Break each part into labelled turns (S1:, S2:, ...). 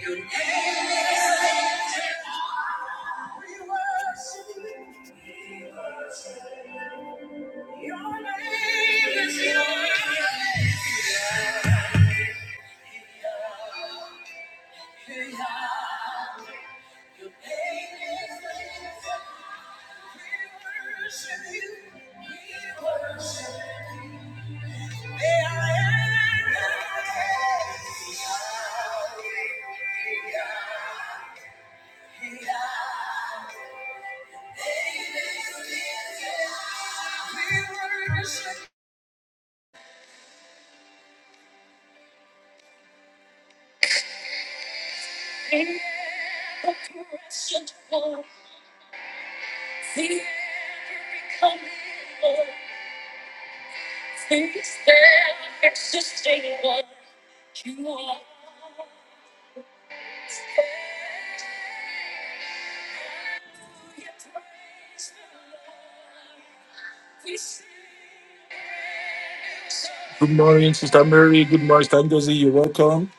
S1: Your name is lifted. We worship you. We worship you. Your name is Yahweh. Yahweh. Your name is lifted. We worship you. We worship you. May I enter in. Yahweh. Good morning, Sister Mary. Good morning, Sister Ngozi. You're welcome.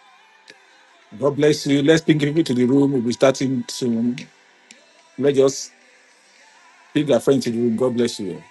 S1: God bless you. Let's ping people to the room. We'll be starting soon. Let's just ping our friends to the room. God bless you.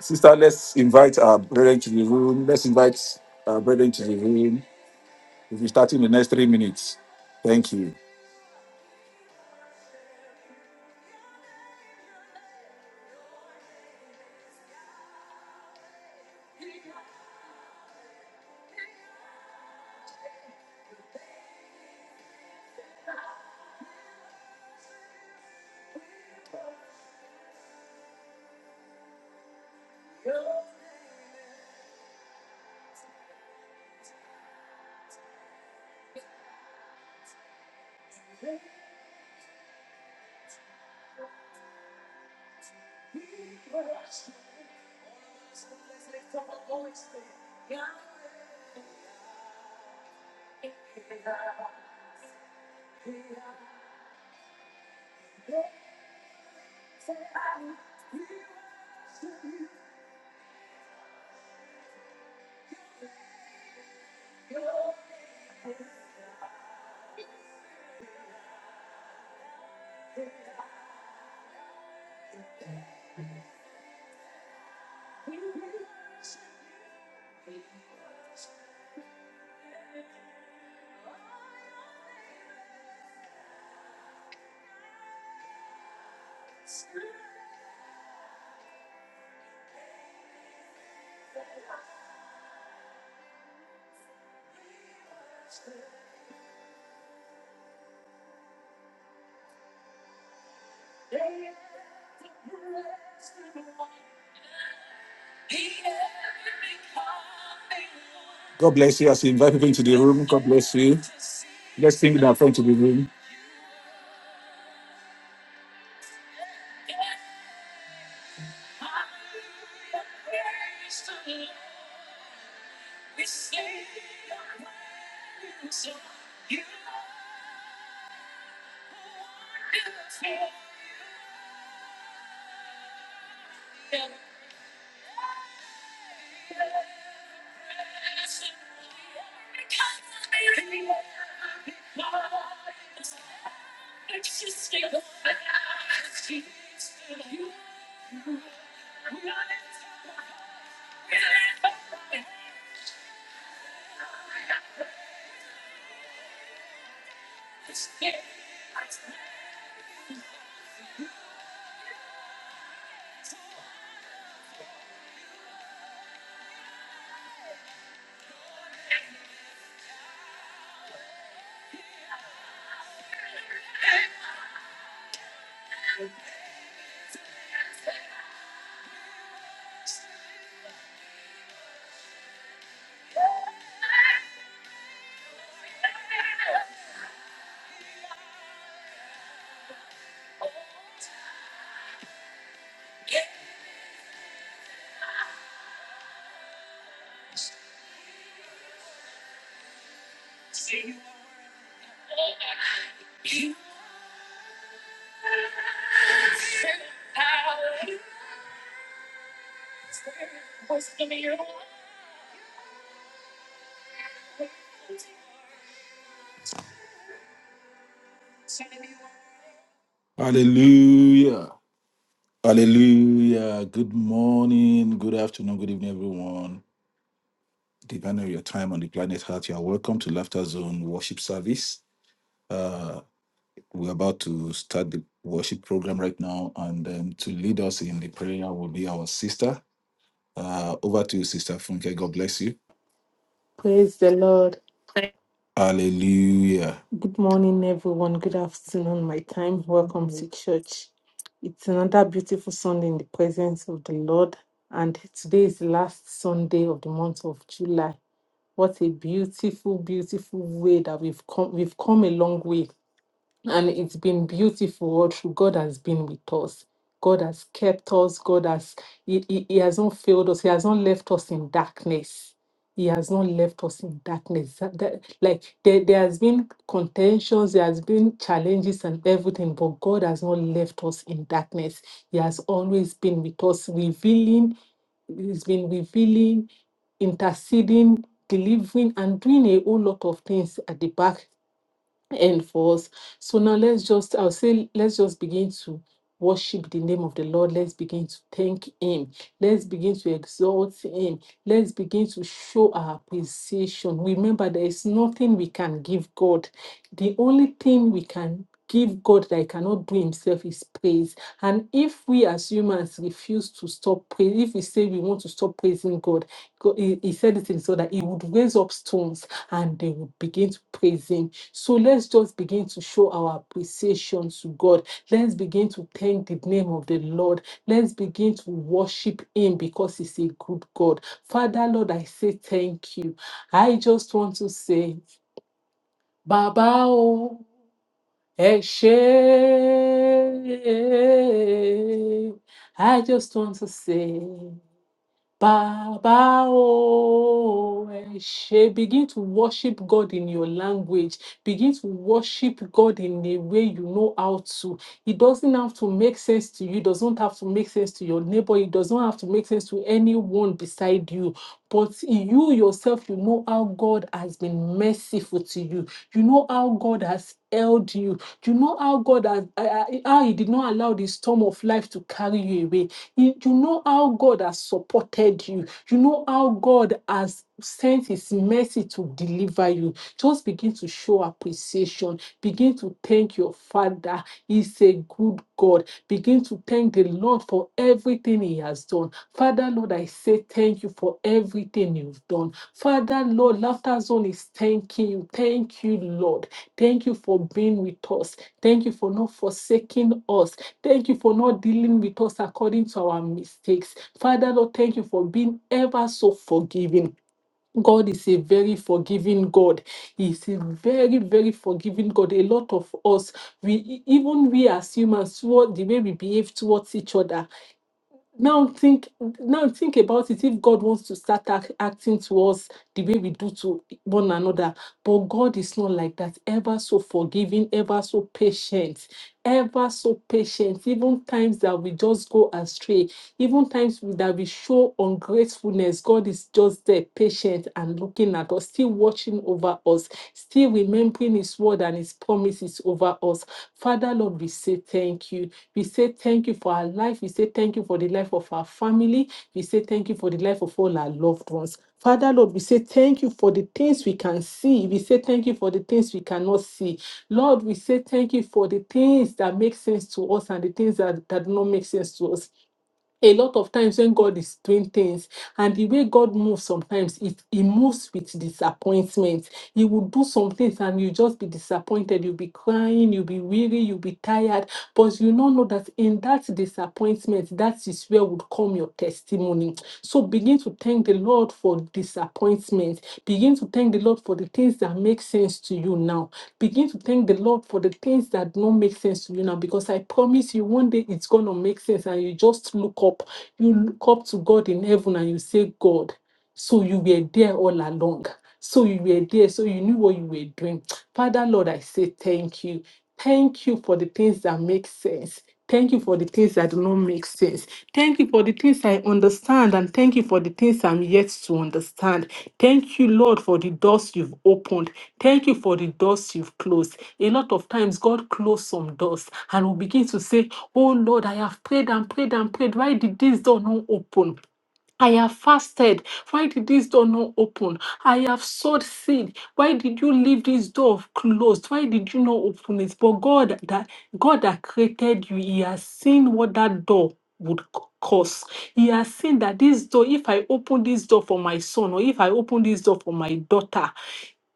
S1: Sister, let's invite our brethren to the room. Let's invite our brethren to the room. We'll be starting in the next three minutes. Thank you. God bless you. As you invite people into the room, God bless you. Let's ping our friends to the room. Hallelujah. Hallelujah. Good morning, good afternoon, good evening, everyone. Depending on your time on the planet Earth, you are welcome to Laughter Zone Worship Service. Uh, we're about to start the worship program right now, and um, to lead us in the prayer will be our sister. Uh, over to you, Sister Funke. God bless you.
S2: Praise the Lord.
S1: Hallelujah.
S2: Good morning, everyone. Good afternoon, my time. Welcome to church. It's another beautiful Sunday in the presence of the Lord. And today is the last Sunday of the month of July. What a beautiful, beautiful way that we've come. We've come a long way and it's been beautiful all through. God has been with us. God has kept us. God has he, he, he has not failed us. He has not left us in darkness. He has not left us in darkness. That- that- like there, there has been contentions, there has been challenges and everything, but God has not left us in darkness. He has always been with us, revealing, He's been revealing, interceding, delivering, and doing a whole lot of things at the back and for us. So now let's just, I'll say, let's just begin to worship the name of the Lord. Let's begin to thank Him. Let's begin to exalt Him. Let's begin to show our appreciation. Remember, there is nothing we can give God. The only thing we can give God that He cannot do Himself is praise. And if we as humans refuse to stop praise, if we say we want to stop praising God, Go- He, he said it in so that he would raise up stones and they would begin to praise him. So let's just begin to show our appreciation to God. Let's begin to thank the name of the Lord. Let's begin to worship him because he's a good God. Father, Lord, I say thank you. I just want to say, Baba, oh, ẹ ṣé. I just want to say. Baba oh, Eshe. Begin to worship God in your language. Begin to worship God in a way you know how to. It doesn't have to make sense to you. It doesn't have to make sense to your neighbor. It doesn't have to make sense to anyone beside you. But you yourself, you know how God has been merciful to you. You know how God has held you. You know how God has, uh, uh, how He did not allow the storm of life to carry you away you, you know how God has supported you. You know how God has sent his mercy to deliver you. Just begin to show appreciation Begin to thank your Father. He's a good God. Begin to thank the Lord for everything He has done. Father, Lord, I say thank you for everything you've done. Father, Lord, Laughter Zone is thanking you. Thank you, Lord. Thank you for being with us. Thank you for not forsaking us. Thank you for not dealing with us according to our mistakes. Father, Lord, thank you for being ever so forgiving. God is a very forgiving God. He is a very, very forgiving God. A lot of us, we even we as humans, what the way we behave towards each other. Now think, now think about it. If God wants to start ac- acting to us the way we do to one another, but God is not like that. Ever so forgiving, ever so patient, ever so patient. Even times that we just go astray, even times that we show ungratefulness, God is just there, patient and looking at us, still watching over us, still remembering His word and His promises over us. Father, Lord, we say thank you. We say thank you for our life. We say thank you for the life of our family. We say thank you for the life of all our loved ones. Father, Lord, we say thank you for the things we can see. We say thank you for the things we cannot see. Lord, we say thank you for the things that make sense to us and the things that, that do not make sense to us a lot of times when God is doing things and the way God moves sometimes it he moves with disappointment. He will do some things and you just be disappointed. You'll be crying, you'll be weary, you'll be tired. But you don't know that in that disappointment, that is where would come your testimony. So begin to thank the Lord for disappointment. Begin to thank the Lord for the things that make sense to you now Begin to thank the Lord for the things that don't make sense to you now because I promise you one day it's going to make sense and you just look up. You look up to God in heaven and you say, God, so you were there all along. So you were there, so you knew what you were doing. Father, Lord, I say thank you. Thank you for the things that make sense. Thank you for the things that do not make sense. Thank you for the things I understand, and thank you for the things I'm yet to understand. Thank you, Lord, for the doors you've opened. Thank you for the doors you've closed. A lot of times, God closed some doors, and we begin to say, Oh, Lord, I have prayed and prayed and prayed. Why did this door not open? I have fasted. Why did this door not open? I have sowed seed. Why did you leave this door closed? Why did you not open it? But God that God that created you, He has seen what that door would c- cause. He has seen that this door, if I open this door for my son, or if I open this door for my daughter,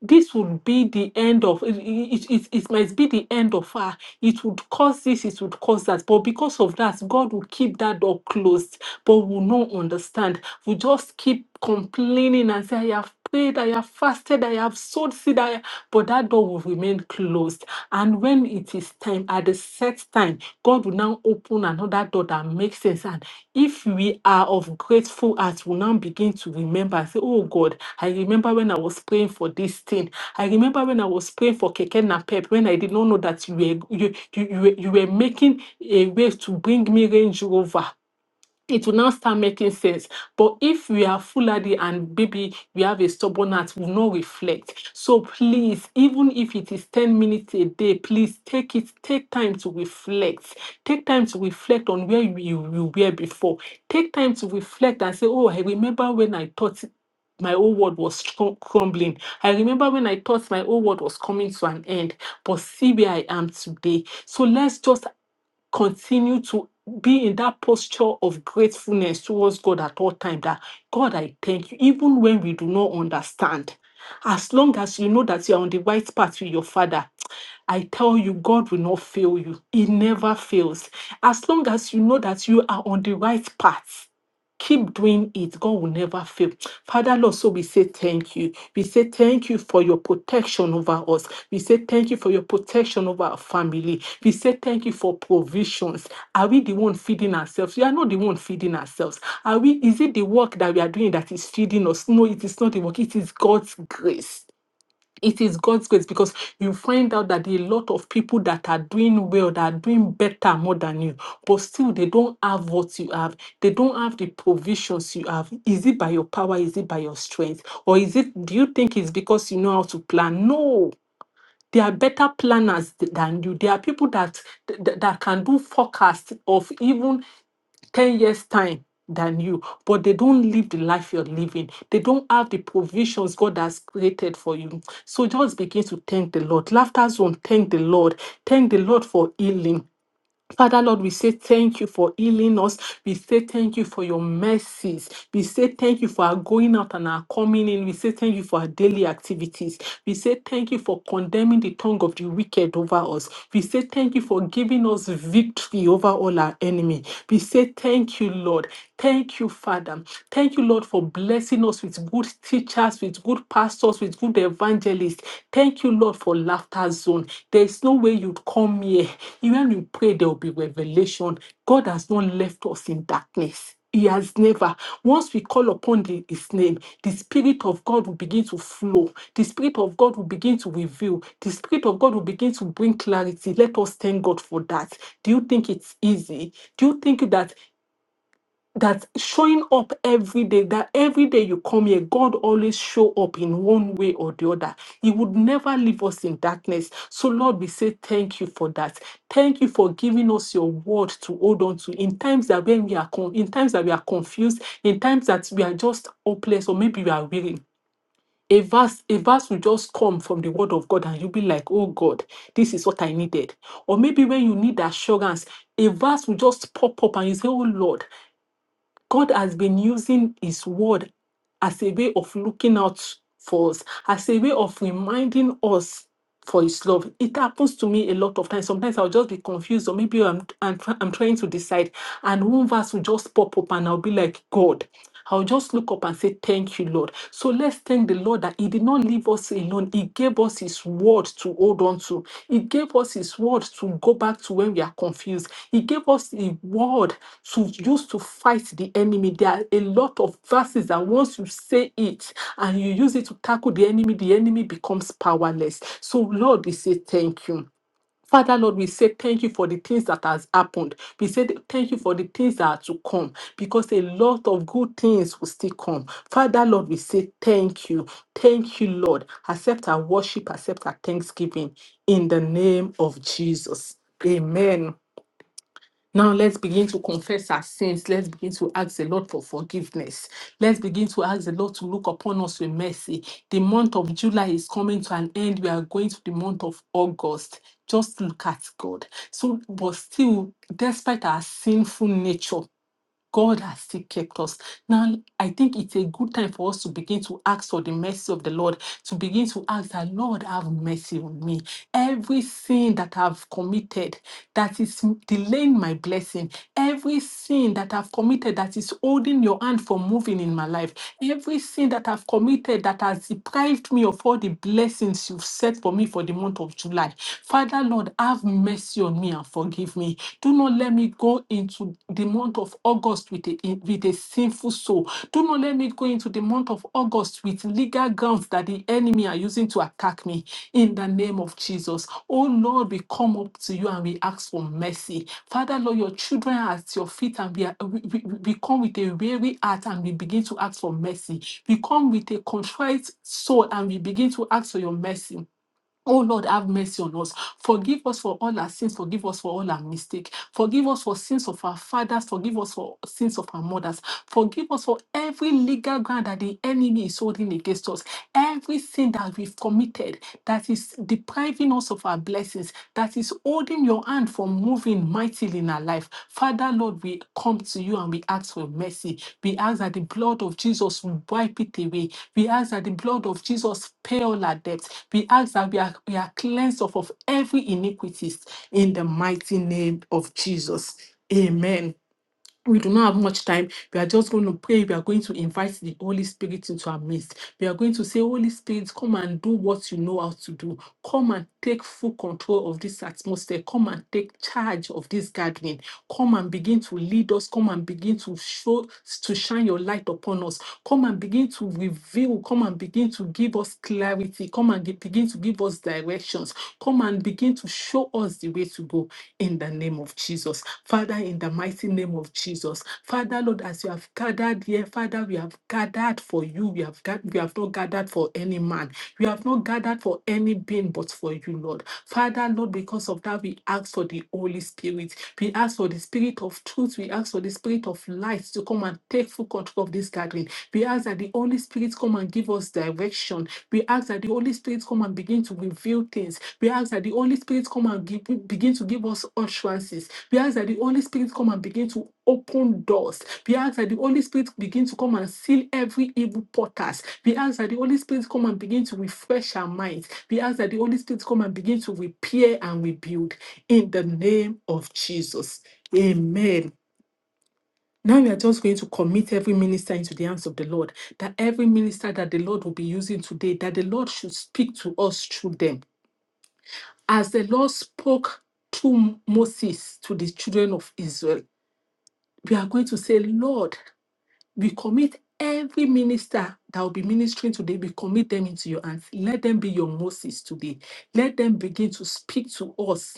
S2: this would be the end of it, it, it, it might be the end of her it would cause this it would cause that but because of that god will keep that door closed but will not understand we just keep complaining and say i have prayed i have fasted i have sowed seed I, have-" but that door will remain closed and when it is his time, at the set time, God will now open another door that makes sense. And if we are of grateful heart, we'll now begin to remember and say, Oh God, I remember when I was praying for this thing. I remember when I was praying for Keke Napep, when I did not know that you were you, you, you, were, you were making a way to bring me Range Rover it will now start making sense. But if we are foolhardy and maybe we have a stubborn heart, we will not reflect. So please, even if it is 10 minutes a day, please take it, take time to reflect. Take time to reflect on where you, you were before. Take time to reflect and say, Oh, I remember when I thought my old world was crum- crumbling. I remember when I thought my old world was coming to an end, but see where I am today. So let's just continue to be in that posture of gratefulness towards God at all time that God I thank you even when we do not understand as long as you know that you are on the right path with your father I tell you, God will not fail you. He never fails. As long as you know that you are on the right path, Keep doing it. God will never fail. Father, Lord, so we say thank you. We say thank you for your protection over us. We say thank you for your protection over our family. We say thank you for provisions. Are we the one feeding ourselves? We are not the one feeding ourselves. Are we? Is it the work that we are doing that is feeding us? No, it is not the work. It is God's grace it is God's grace because you find out that a lot of people that are doing well, that are doing better more than you, but still they don't have what you have. They don't have the provisions you have. Is it by your power? Is it by your strength? Or is it, do you think it's because you know how to plan? No. They are better planners th- than you. There are people that, that that can do forecast of even 10 years time than you but they don't live the life you're living they don't have the provisions god has created for you so just begin to thank the lord laughter zone thank the lord thank the lord for healing Father Lord, we say thank you for healing us. We say thank you for your mercies. We say thank you for our going out and our coming in. We say thank you for our daily activities. We say thank you for condemning the tongue of the wicked over us. We say thank you for giving us victory over all our enemy. We say thank you, Lord. Thank you, Father. Thank you, Lord, for blessing us with good teachers, with good pastors, with good evangelists. Thank you, Lord, for laughter zone. There is no way you'd come here. Even you pray, there will be revelation. God has not left us in darkness. He has never. Once we call upon the- His name, the Spirit of God will begin to flow. The Spirit of God will begin to reveal. The Spirit of God will begin to bring clarity. Let us thank God for that. Do you think it's easy? Do you think that that showing up every day that every day you come here god always show up in one way or the other he would never leave us in darkness so lord we say thank you for that thank you for giving us your word to hold on to in times that when we are con- in times that we are confused in times that we are just hopeless or maybe we are weary a verse a verse will just come from the word of god and you'll be like oh god this is what i needed or maybe when you need assurance a verse will just pop up and you say oh lord God has been using His word as a way of looking out for us, as a way of reminding us for His love. It happens to me a lot of times. Sometimes I'll just be confused, or maybe I'm, I'm, try- I'm trying to decide, and one verse will just pop up, and I'll be like, God. I'll just look up and say, Thank you, Lord. So let's thank the Lord that He did not leave us alone, He gave us His word to hold on to. He gave us His word to go back to when we are confused. He gave us the word to use to fight the enemy. There are a lot of verses that once you say it and you use it to tackle the enemy, the enemy becomes powerless. So, Lord, we say thank you. Father Lord, we say thank you for the things that has happened. We say th- thank you for the things that are to come because a lot of good things will still come. Father Lord, we say thank you. Thank you, Lord. Accept our worship, accept our thanksgiving in the name of Jesus. Amen. Now let's begin to confess our sins. Let's begin to ask the Lord for forgiveness. Let's begin to ask the Lord to look upon us with mercy. The month of July is coming to an end. We are going to the month of August. Just look at God. So, but still, despite our sinful nature, God has still kept us. Now, I think it's a good time for us to begin to ask for the mercy of the Lord, to begin to ask that, Lord, have mercy on me. Every sin that I've committed that is delaying my blessing, every sin that I've committed that is holding your hand from moving in my life, every sin that I've committed that has deprived me of all the blessings you've set for me for the month of July. Father, Lord, have mercy on me and forgive me. Do not let me go into the month of August with a, with a sinful soul. Do not let me go into the month of August with legal grounds that the enemy are using to attack me. In the name of Jesus. Oh Lord, we come up to you and we ask for mercy. Father, Lord, your children are at your feet and we, are, we, we, we come with a weary heart and we begin to ask for mercy. We come with a contrite soul and we begin to ask for your mercy. Oh Lord, have mercy on us. Forgive us for all our sins. Forgive us for all our mistakes. Forgive us for sins of our fathers. Forgive us for sins of our mothers. Forgive us for every legal ground that the enemy is holding against us. Every sin that we've committed that is depriving us of our blessings, that is holding your your hand for moving mightily in our life. Father, Lord, we come to you and we ask for mercy. We ask that the blood of Jesus will wipe it away. We ask that the blood of Jesus pay all our debts. We ask that we are, we are cleansed of, of every iniquities in the mighty name of Jesus. Amen we do not have much time. We are just going to pray. We are going to invite the Holy Spirit into our midst. We are going to say, Holy Spirit, come and do what you know how to do. Come and take full control of this atmosphere. Come and take charge of this gathering. Come and begin to lead us. Come and begin to show, to shine your light upon us. Come and begin to reveal. Come and begin to give us clarity. Come and ge- begin to give us directions. Come and begin begin to show us the way to go in the name of Jesus. Father, in the mighty name of Jesus. Father, Lord, as you have gathered here, Father, we have gathered for you. We have gathered, we have not gathered for any man. We have not gathered for any being but for you, Lord. Father, Lord, because of that, we ask for the Holy Spirit. We ask for the spirit of truth. We ask for the spirit of light to come and take full control of this gathering. We ask that the Holy Spirit Spirit come and give us direction. We ask that the Holy Spirit come and begin to reveal things. We ask that the Holy Spirit come and give, begin to give us utterances. We ask that the Holy Spirit come and begin to open doors. We ask that the Holy Spirit begin to come and seal every evil portals. We ask that the Holy Spirit come and begin to refresh our minds. We ask that the Holy Spirit come and begin to repair and rebuild in the name of Jesus. Amen. Now we are just going to commit every minister into the hands of the Lord, that every minister that the Lord will be using today, that the Lord should speak to us through them. As the Lord spoke to Moses, to the children of Israel, we are going to say, Lord, we commit every minister that will be ministering today, we commit them into your hands. Let them be your Moses today. Let them begin to speak to us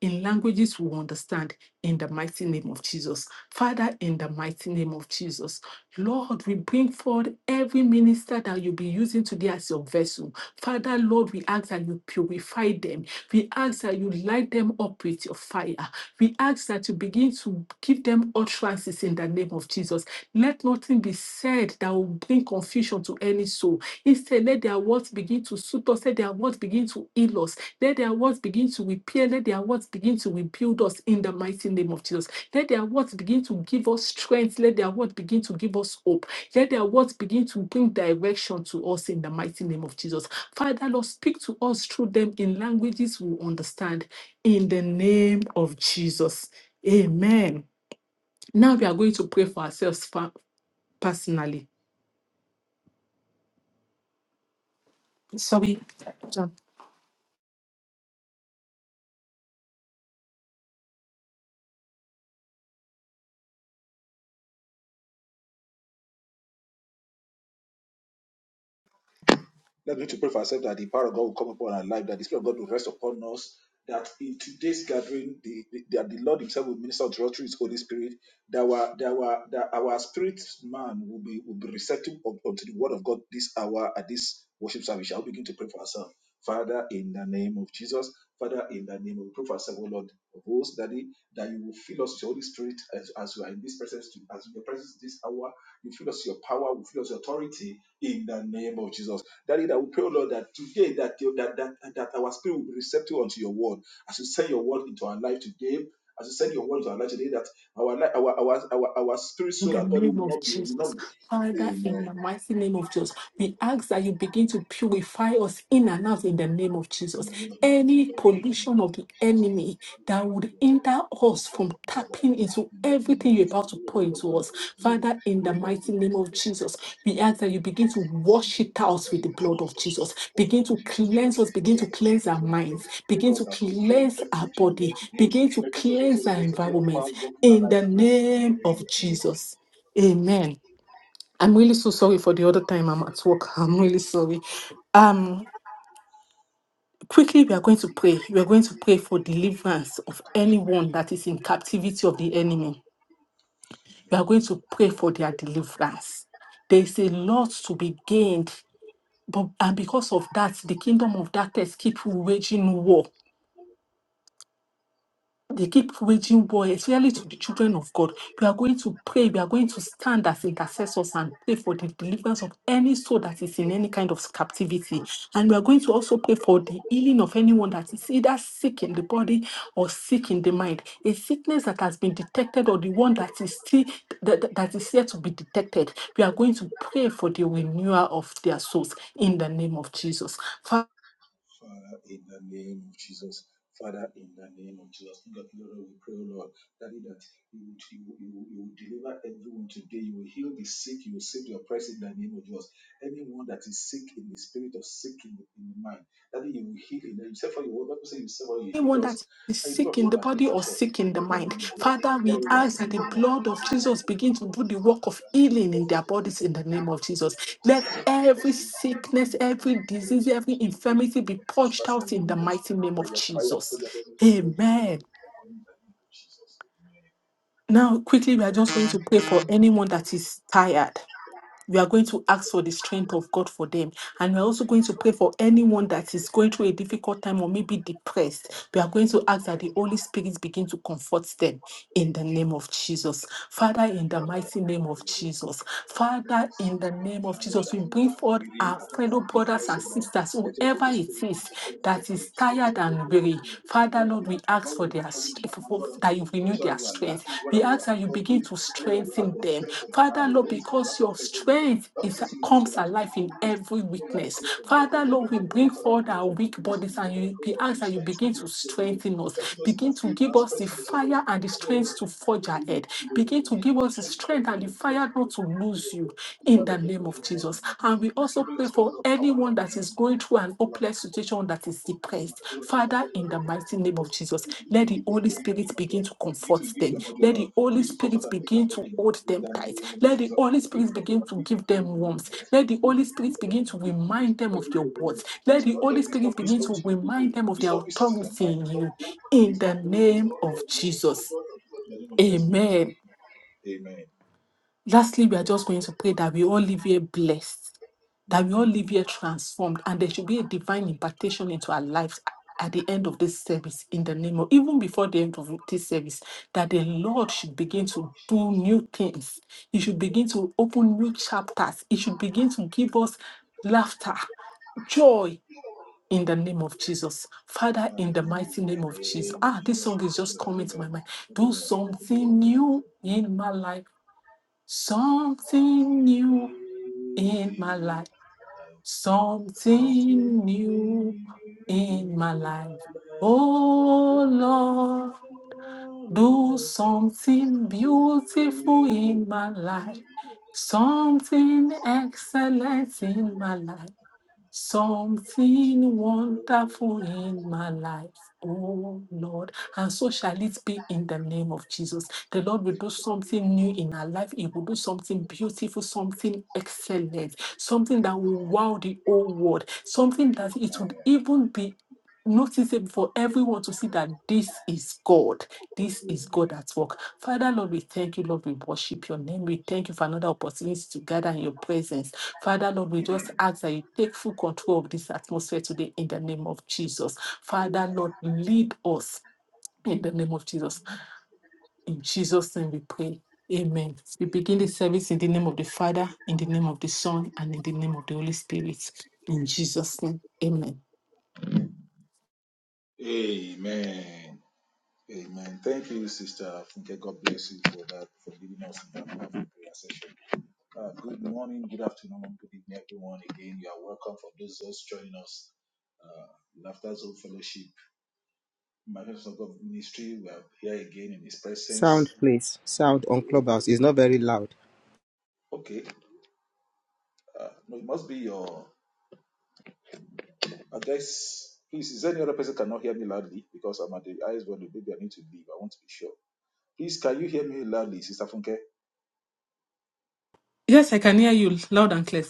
S2: in languages we understand in the mighty name of Jesus. Father, in the mighty name of Jesus, Lord, we bring forward every minister that you'll be using today as your vessel. Father, Lord, we ask that you purify them. We ask that you light them up with your fire. We ask that you begin to give them utterances in the name of Jesus. Let nothing be said that will bring confusion to any soul. Instead, let their words begin to suit us, let their words begin to heal us, let their words begin to repair. Let their words begin to rebuild us in the mighty name of Jesus. Let their words begin to give us strength. Let their words begin to give us hope. Let their words begin to bring direction to us in the mighty name of Jesus. Father, Lord, speak to us through them in languages we understand. In the name of Jesus. Amen. Now we are going to pray for ourselves fa- personally. Sorry. John. In the name of Jesus. Father, in the mighty name of Jesus. We ask that you begin to purify us in and out in the name of Jesus. Any pollution of the enemy that would hinder us from tapping into everything you're about to pour into us, Father, in the mighty name of Jesus, we ask that you begin to wash it out with the blood of Jesus. Begin to cleanse us, begin to cleanse our minds, begin to cleanse our body, begin to cleanse our environment in the name of Jesus. Amen. I'm really so sorry for the other time I'm at work. I'm really sorry. Um, quickly, we are going to pray. We are going to pray for deliverance of anyone that is in captivity of the enemy. We are going to pray for their deliverance. There is a lot to be gained, but and because of that, the kingdom of darkness keep waging war They keep waging war, especially to the children of God. We are going to pray. We are going to stand as intercessors and pray for the deliverance of any soul that is in any kind of captivity. And we are going to also pray for the healing of anyone that is either sick in the body or sick in the mind. A sickness that has been detected or the one that is still that, that that is yet to be detected. We are going to pray for the renewal of their souls in the name of Jesus. anyone that is sick in the body or sick in the mind. Father, we ask that the blood of Jesus begin to do the work of healing in their bodies in the name of Jesus. Let every sickness, every disease, every infirmity be purged out in the mighty name of Jesus. Amen. Now, quickly, we are just going to pray for anyone that is tired we are going to ask for the strength of God for them. And we're also going to pray for anyone that is going through a difficult time or maybe depressed. We are going to ask that the Holy Spirit begin to comfort them in the name of Jesus. Father, in the mighty name of Jesus. Father, in the name of Jesus, we bring forth our fellow brothers and sisters, whoever it is that is tired and weary. Father, Lord, we ask for their st- for- for- that you renew their strength. We ask that you begin to strengthen strengthen them. Father, Lord, because your strength is comes alive in every weakness. Father, Lord, we bring forward our weak bodies and you be asked that you begin to strengthen us. Begin to give us the fire and the strength to forge ahead. Begin to give us the strength and the fire not to lose you in the name of Jesus. And we also pray for anyone that is going through an hopeless situation that is depressed. Father, in the mighty name of Jesus, let the Holy Spirit begin to comfort them. Let the Holy Spirit begin to hold them tight. Let the Holy Spirit begin to give them warmth. Let the Holy Spirit begin to remind them of your words. Let the Holy Spirit begin to remind them of their authority in you. In the name of Jesus. Amen. Lastly, we are just going to pray that we all live here blessed that we all live here transformed and there should be a divine impartation into our lives at the end of this service in the name of even before the end of this service that the lord should begin to do new things he should begin to open new chapters he should begin to give us laughter joy in the name of jesus father in the mighty name of jesus ah this song is just coming to my mind do something new in my life something new in my life Something new in my life. Oh Lord, do something beautiful in my life. Something excellent in my life. Something wonderful in my life, oh Lord. And so shall it be in the name of Jesus. The Lord will do something new in our life. He will do something beautiful, something excellent, something that will wow the whole world, something that it would even be noticeable for everyone to see that this is God. This is God at work. Father, Lord, we thank you. Lord, we worship your name. We thank you for another opportunity to gather in your presence. Father, Lord, we just ask that you take full control of this atmosphere today in the name of Jesus. Father, Lord, lead us in the name of Jesus. In Jesus' name we pray. Amen. We begin the service in the name of the Father, in the name of the Son, and in the name of the Holy Spirit. In Jesus' name. Amen.
S3: Sound, please. Sound on Clubhouse is not very loud.
S2: Yes, I can hear you loud and clear.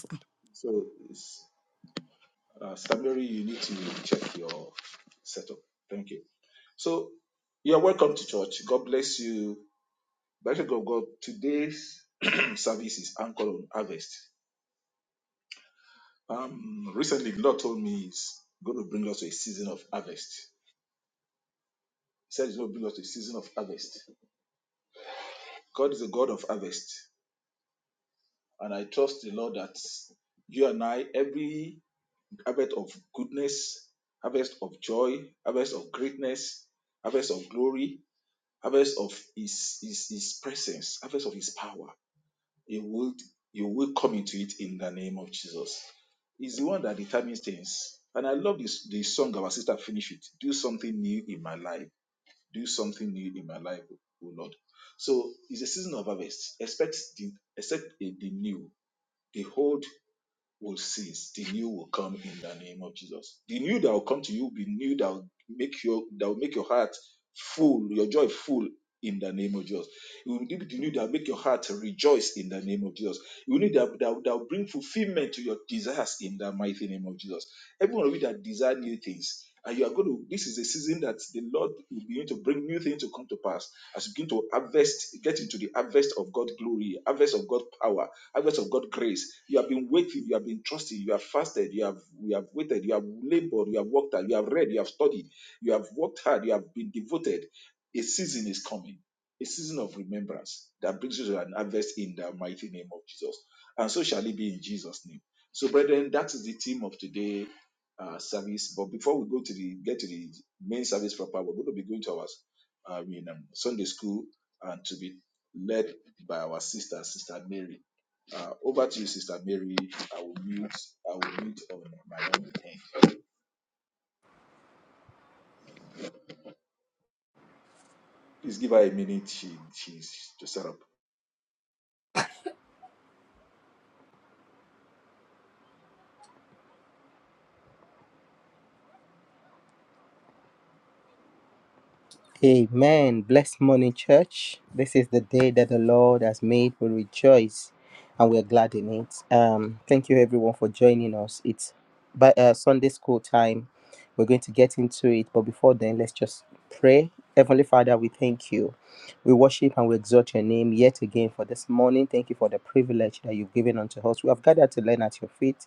S3: Amen. Blessed morning, church. This is the day that the Lord has made. We rejoice and we're glad in it. Um, thank you, everyone, for joining us. It's by uh, Sunday school time. We're going to get into it, but before then, let's just pray. Heavenly Father, we thank you. We worship and we exalt your name yet again for this morning. Thank you for the privilege that you've given unto us. We have gathered to learn at your feet.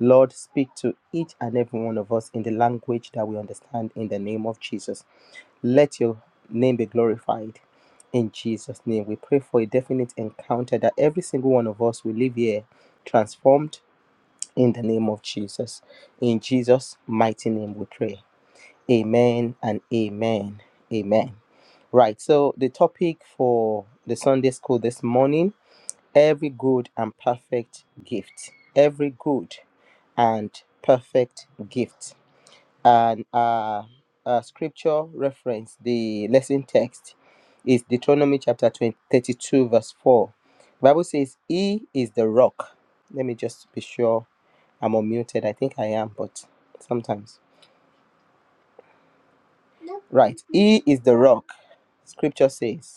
S3: Lord, speak to each and every one of us in the language that we understand in the name of Jesus. Let your name be glorified. In Jesus' name, we pray for a definite encounter that every single one of us will live here transformed in the name of Jesus. In Jesus' mighty name, we pray. Amen and amen. Amen. Right, so the topic for the Sunday school this morning every good and perfect gift. Every good and perfect gift and our, our scripture reference, the lesson text, is Deuteronomy chapter 20 32 verse 4. The Bible says, He is the rock. Let me just be sure I'm unmuted. I think I am, but sometimes. Right. He is the rock, scripture says.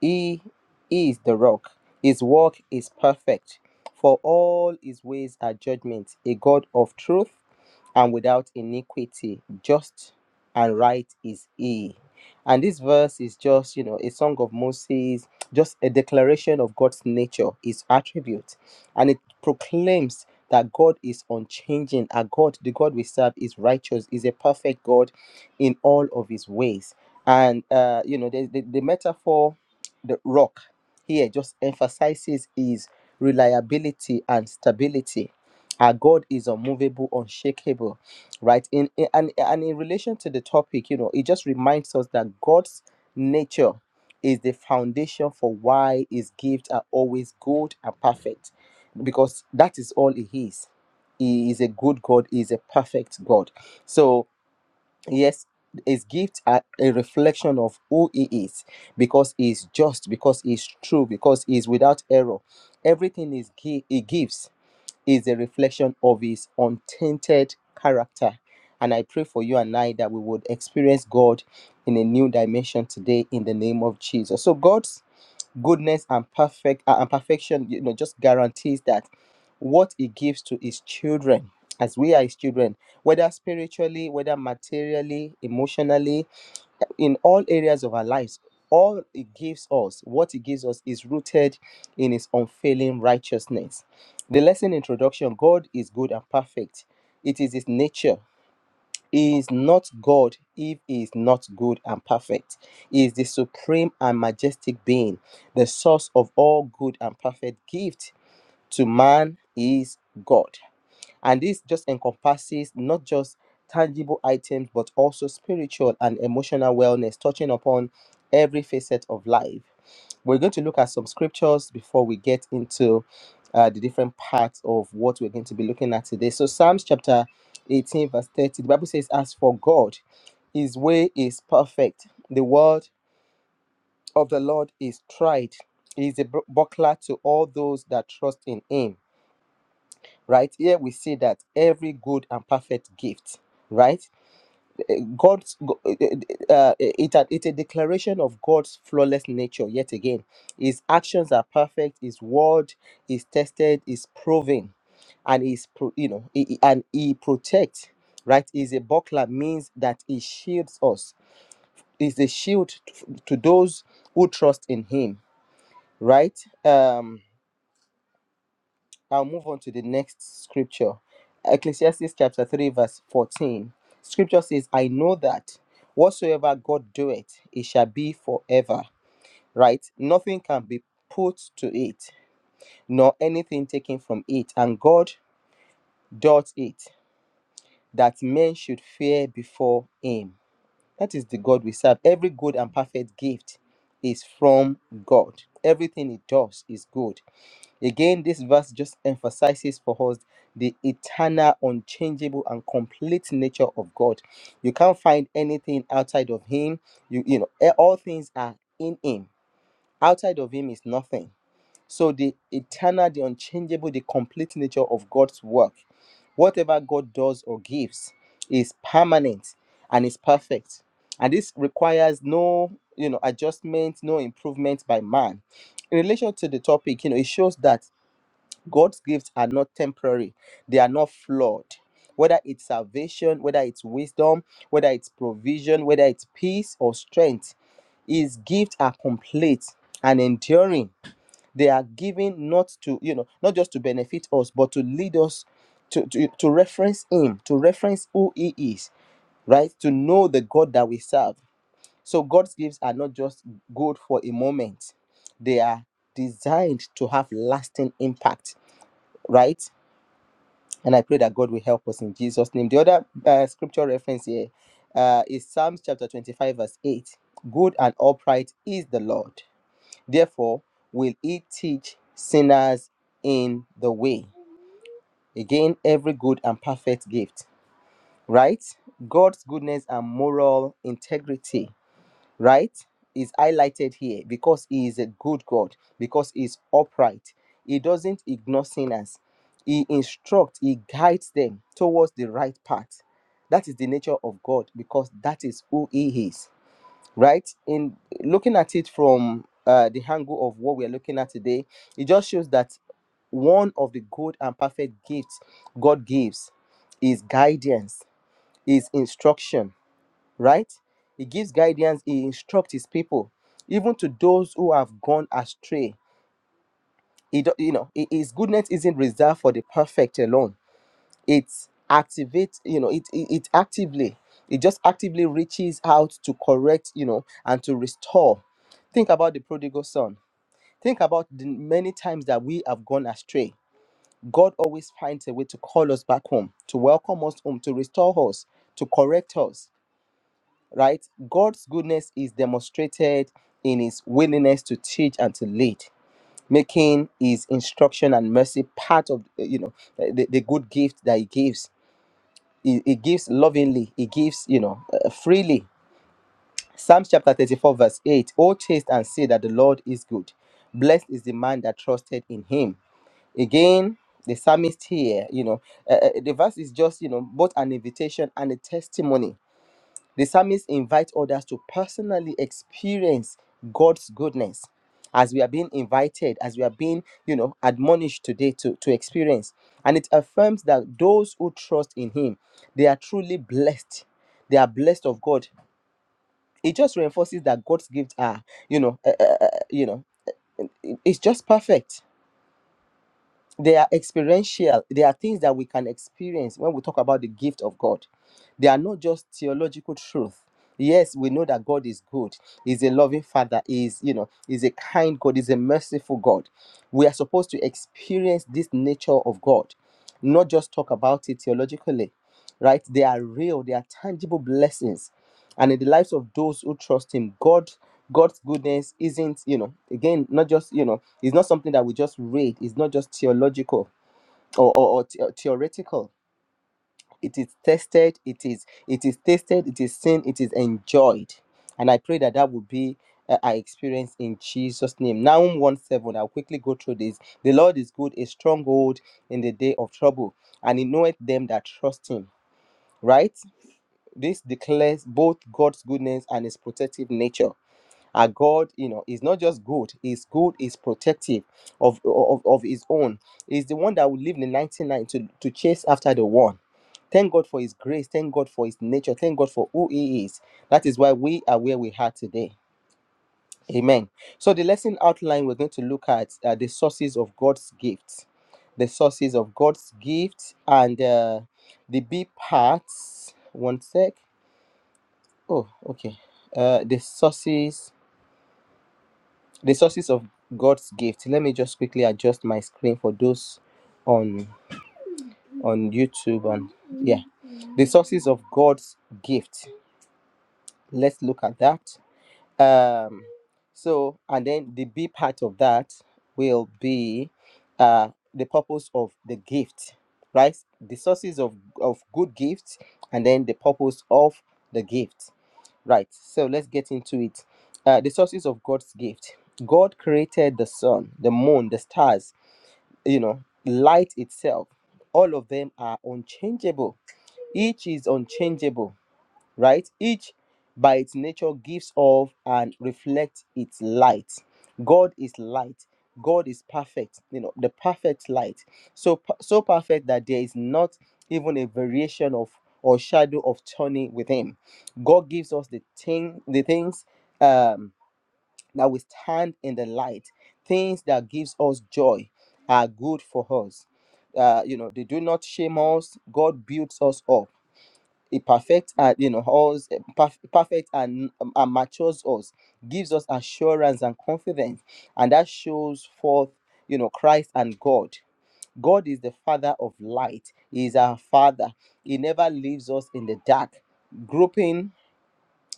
S3: He is the rock. His work is perfect, for all his ways are judgment, a God of truth and without iniquity. Just and right is he. And this verse is just, you know, a song of Moses, just a declaration of God's nature, his attributes, And it proclaims that God is unchanging. Our God, the God we serve, is righteous, is a perfect God in all of his ways. And, uh, you know, the, the, the metaphor the rock here just emphasizes his reliability and stability. Our God is unmovable, unshakable, right? In, in and, and in relation to the topic, you know, it just reminds us that God's nature is the foundation for why his gifts are always good and perfect, because that is all he is. He is a good God, he is a perfect God. So yes his gifts are a reflection of who he is because he is just because he is true because he is without error everything is gi- he gives is a reflection of his untainted character and i pray for you and i that we would experience god in a new dimension today in the name of jesus so god goodness and perfect uh, and perfection you know just guarantees that what he gives to his children as we are his children whether spiritually whether materially emotionally in all areas of our lives all he gives us what he gives us is rooted in his unfailing righteousness the lesson introduction god is good and perfect it is his nature he is not God if he is not good and perfect. He is the supreme and majestic being, the source of all good and perfect gift to man he is God. And this just encompasses not just tangible items, but also spiritual and emotional wellness, touching upon every facet of life. We're going to look at some scriptures before we get into uh, the different parts of what we're going to be looking at today. So, Psalms chapter 18, verse 30, the Bible says, As for God, his way is perfect, the word of the Lord is tried, he is a bu- buckler to all those that trust in him right here we see that every good and perfect gift right god's go- uh, uh, eh, it, it's a declaration of god's flawless nature yet again his actions are perfect his word is tested is proven and is pro, you know he, he- and he protects right is a buckler means that he shields us is a shield to to those who trust in him right Um. I'll move on to the next scripture. Ecclesiastes chapter 3, verse 14. Scripture says, I know that whatsoever God doeth, it shall be forever. Right? Nothing can be put to it, nor anything taken from it. And God doth it, that men should fear before him. That is the God we serve. Every good and perfect gift is from God. Everything he does is good. Again, this verse just emphasizes for us the eternal, unchangeable, and complete nature of God. You can't find anything outside of Him. You, you know, eh, all things are in Him. Outside of Him is nothing. So the eternal, the unchangeable, the complete nature of God's work, whatever God does or gives, is permanent and is perfect. And this requires no, you know, adjustment, no improvement by man in relation to the topic, you know, it shows that God's gifts are not temporary, they are not flawed. Whether it's salvation, whether it's wisdom, whether it's provision, whether it's peace or strength, His gifts are complete and enduring. They are given not to, you know, not just to benefit us, but to lead us to, to, to reference Him, to reference who He is, right? To know the God that we serve. So God's gifts are not just good for a moment, they are designed to have lasting impact right? And I pray that God will help us in Jesus' name. The other uh, scripture reference here uh, is Psalms chapter 25, verse 8. Good and upright is the Lord. Therefore, will he teach sinners in the way. Again, every good and perfect gift, right? God's goodness and moral integrity right is highlighted here because he is a good god because he is upright he doesn't ignore sinners he instructs he guides them towards the right path that is the nature of god because that is who he is right in looking at it from uh, the angle of what we are looking at today it just shows that one of the good and perfect gifts god gives is guidance is instruction right? He gives guidance, he instructs his people, even to those who have gone astray. He, do- you know, hi- his goodness isn't reserved for the perfect alone. It activates, you know, it, it it actively, it just actively reaches out to correct, you know, and to restore. Think about the prodigal son. Think about the many times that we have gone astray. God always finds a way to call us back home, to welcome us home, to restore us, to correct us. right? God's goodness is demonstrated in his willingness to teach and to lead, making his instruction and mercy part of uh, you know uh, the, the good gift that he gives. He, he gives lovingly, he gives, you know, uh, freely. Psalms chapter 34, verse 8 Oh, taste and see that the Lord is good. Blessed is the man that trusted in him. Again, the psalmist here, you know, uh, uh, the verse is just, you know, both an invitation and a testimony the psalmist invites others to personally experience God's goodness as we are being invited, as we are being, you know, admonished today to, to experience. And it affirms that those who trust in Him, they are truly blessed. They are blessed of God. It just reinforces that God's gifts are, you know, uh, uh, uh, you know, it- it's just perfect they are experiential they are things that we can experience when we talk about the gift of god they are not just theological truth yes we know that god is good he's a loving father He's you know He's a kind god He's a merciful god we are supposed to experience this nature of god not just talk about it theologically right they are real they are tangible blessings and in the lives of those who trust him god god's goodness isn't you know again not just you know it's not something that we just read. It's not just theological or, or, or the- uh, theoretical. It is tested. It is it is tasted. It is seen. It is enjoyed. And I pray that that will be uh, our experience in Jesus' name. Nahum one seven. I'll quickly go through this. The Lord is good, a stronghold in the day of trouble, and He knoweth them that trust Him. Right. This declares both God's goodness and His protective nature. Our God, you know, is not just good, He's good, is protective of, of, of His own. He's the one that will leave the 99 to, to chase after the one. Thank God for His grace. Thank God for His nature. Thank God for who He is. That is why we are where we are today. Amen. So, the lesson outline, we're going to look at uh, the sources of God's gifts, the sources of God's gifts, and uh, the B parts. One sec. Oh, okay. Uh, the sources the sources of God's gift. Let me just quickly adjust my screen for those on on YouTube and yeah, the sources of God's gift. Let's look at that. Um, so and then the B part of that will be uh the purpose of the gift, right? The sources of of good gifts and then the purpose of the gift. Right. So let's get into it. Uh, the sources of God's gift. God created the sun, the moon, the stars, you know, light itself. All of them are unchangeable. Each is unchangeable right? Each by its nature gives off and reflects its light. God is light. God is perfect, you know, the perfect light. So per- so perfect that there is not even a variation of or shadow of turning with him. God gives us the thing the things um that we stand in the light, things that gives us joy are good for us. Uh, you know, they do not shame us. God builds us up it perfects and you know us eh, perf- perfect and, um, and matures us, gives us assurance and confidence, and that shows forth you know Christ and God. God is the Father of light. He is our Father. He never leaves us in the dark. groping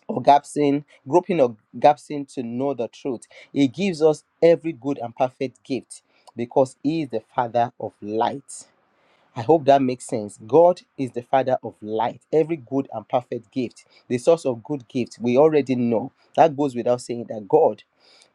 S3: or gapsing, groping or gapsing to know the truth. He gives us every good and perfect gift because He is the Father of light. I hope that makes sense. God is the Father of light, every good and perfect gift, the source of good gifts. We already know that goes without saying that God,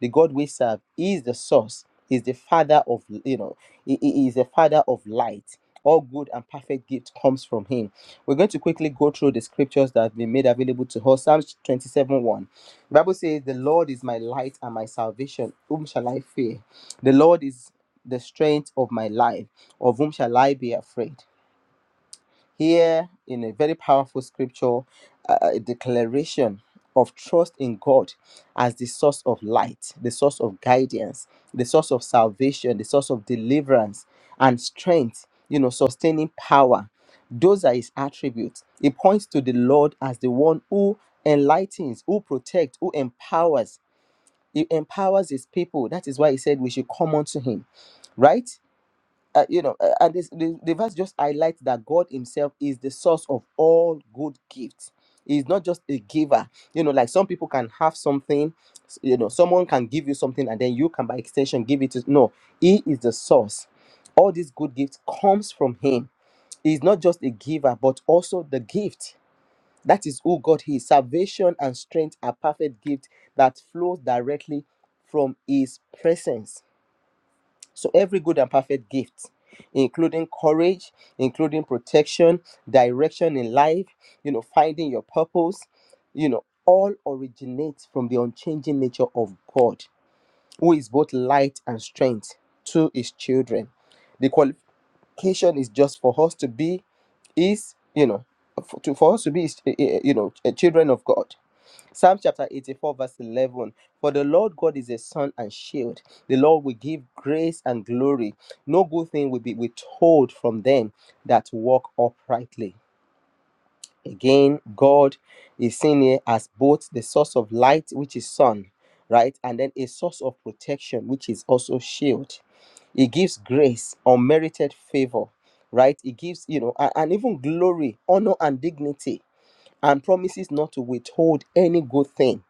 S3: the God we serve, is the source, is the Father of, you know, he he is the Father of light. All good and perfect gift comes from Him. We're going to quickly go through the scriptures that have been made available to us. Psalms 27 1. The Bible says, The Lord is my light and my salvation. Whom shall I fear? The Lord is the strength of my life. Of whom shall I be afraid? Here, in a very powerful scripture, uh, a declaration of trust in God as the source of light, the source of guidance, the source of salvation, the source of deliverance and strength, you know, sustaining power. Those are his attributes. It points to the Lord as the one who enlightens, who protects, who empowers, he empowers his people. That is why he said we should come unto him, right? Uh, you know, uh, and this, the, the verse just highlights that God Himself is the source of all good gifts. He's not just a giver. You know, like some people can have something, s- you know, someone can give you something and then you can, by extension, give it to. No, He is the source. All these good gifts comes from Him. He's not just a giver, but also the gift that is who God is. Salvation and strength are perfect gifts that flows directly from His presence. So every good and perfect gift, including courage, including protection, direction in life, you know, finding your purpose, you know, all originates from the unchanging nature of God, who is both light and strength to His children The quali- Education is just for us to be is you know for, to, for us to be is, eh, eh, you know eh, children of god psalm chapter 84 verse 11 for the lord god is a sun and shield the lord will give grace and glory no good thing will be withheld from them that walk uprightly again god is seen here as both the source of light which is sun right and then a source of protection which is also shield he gives grace unmerited favor right he gives you know a- and, even glory honor and dignity and promises not to withhold any good thing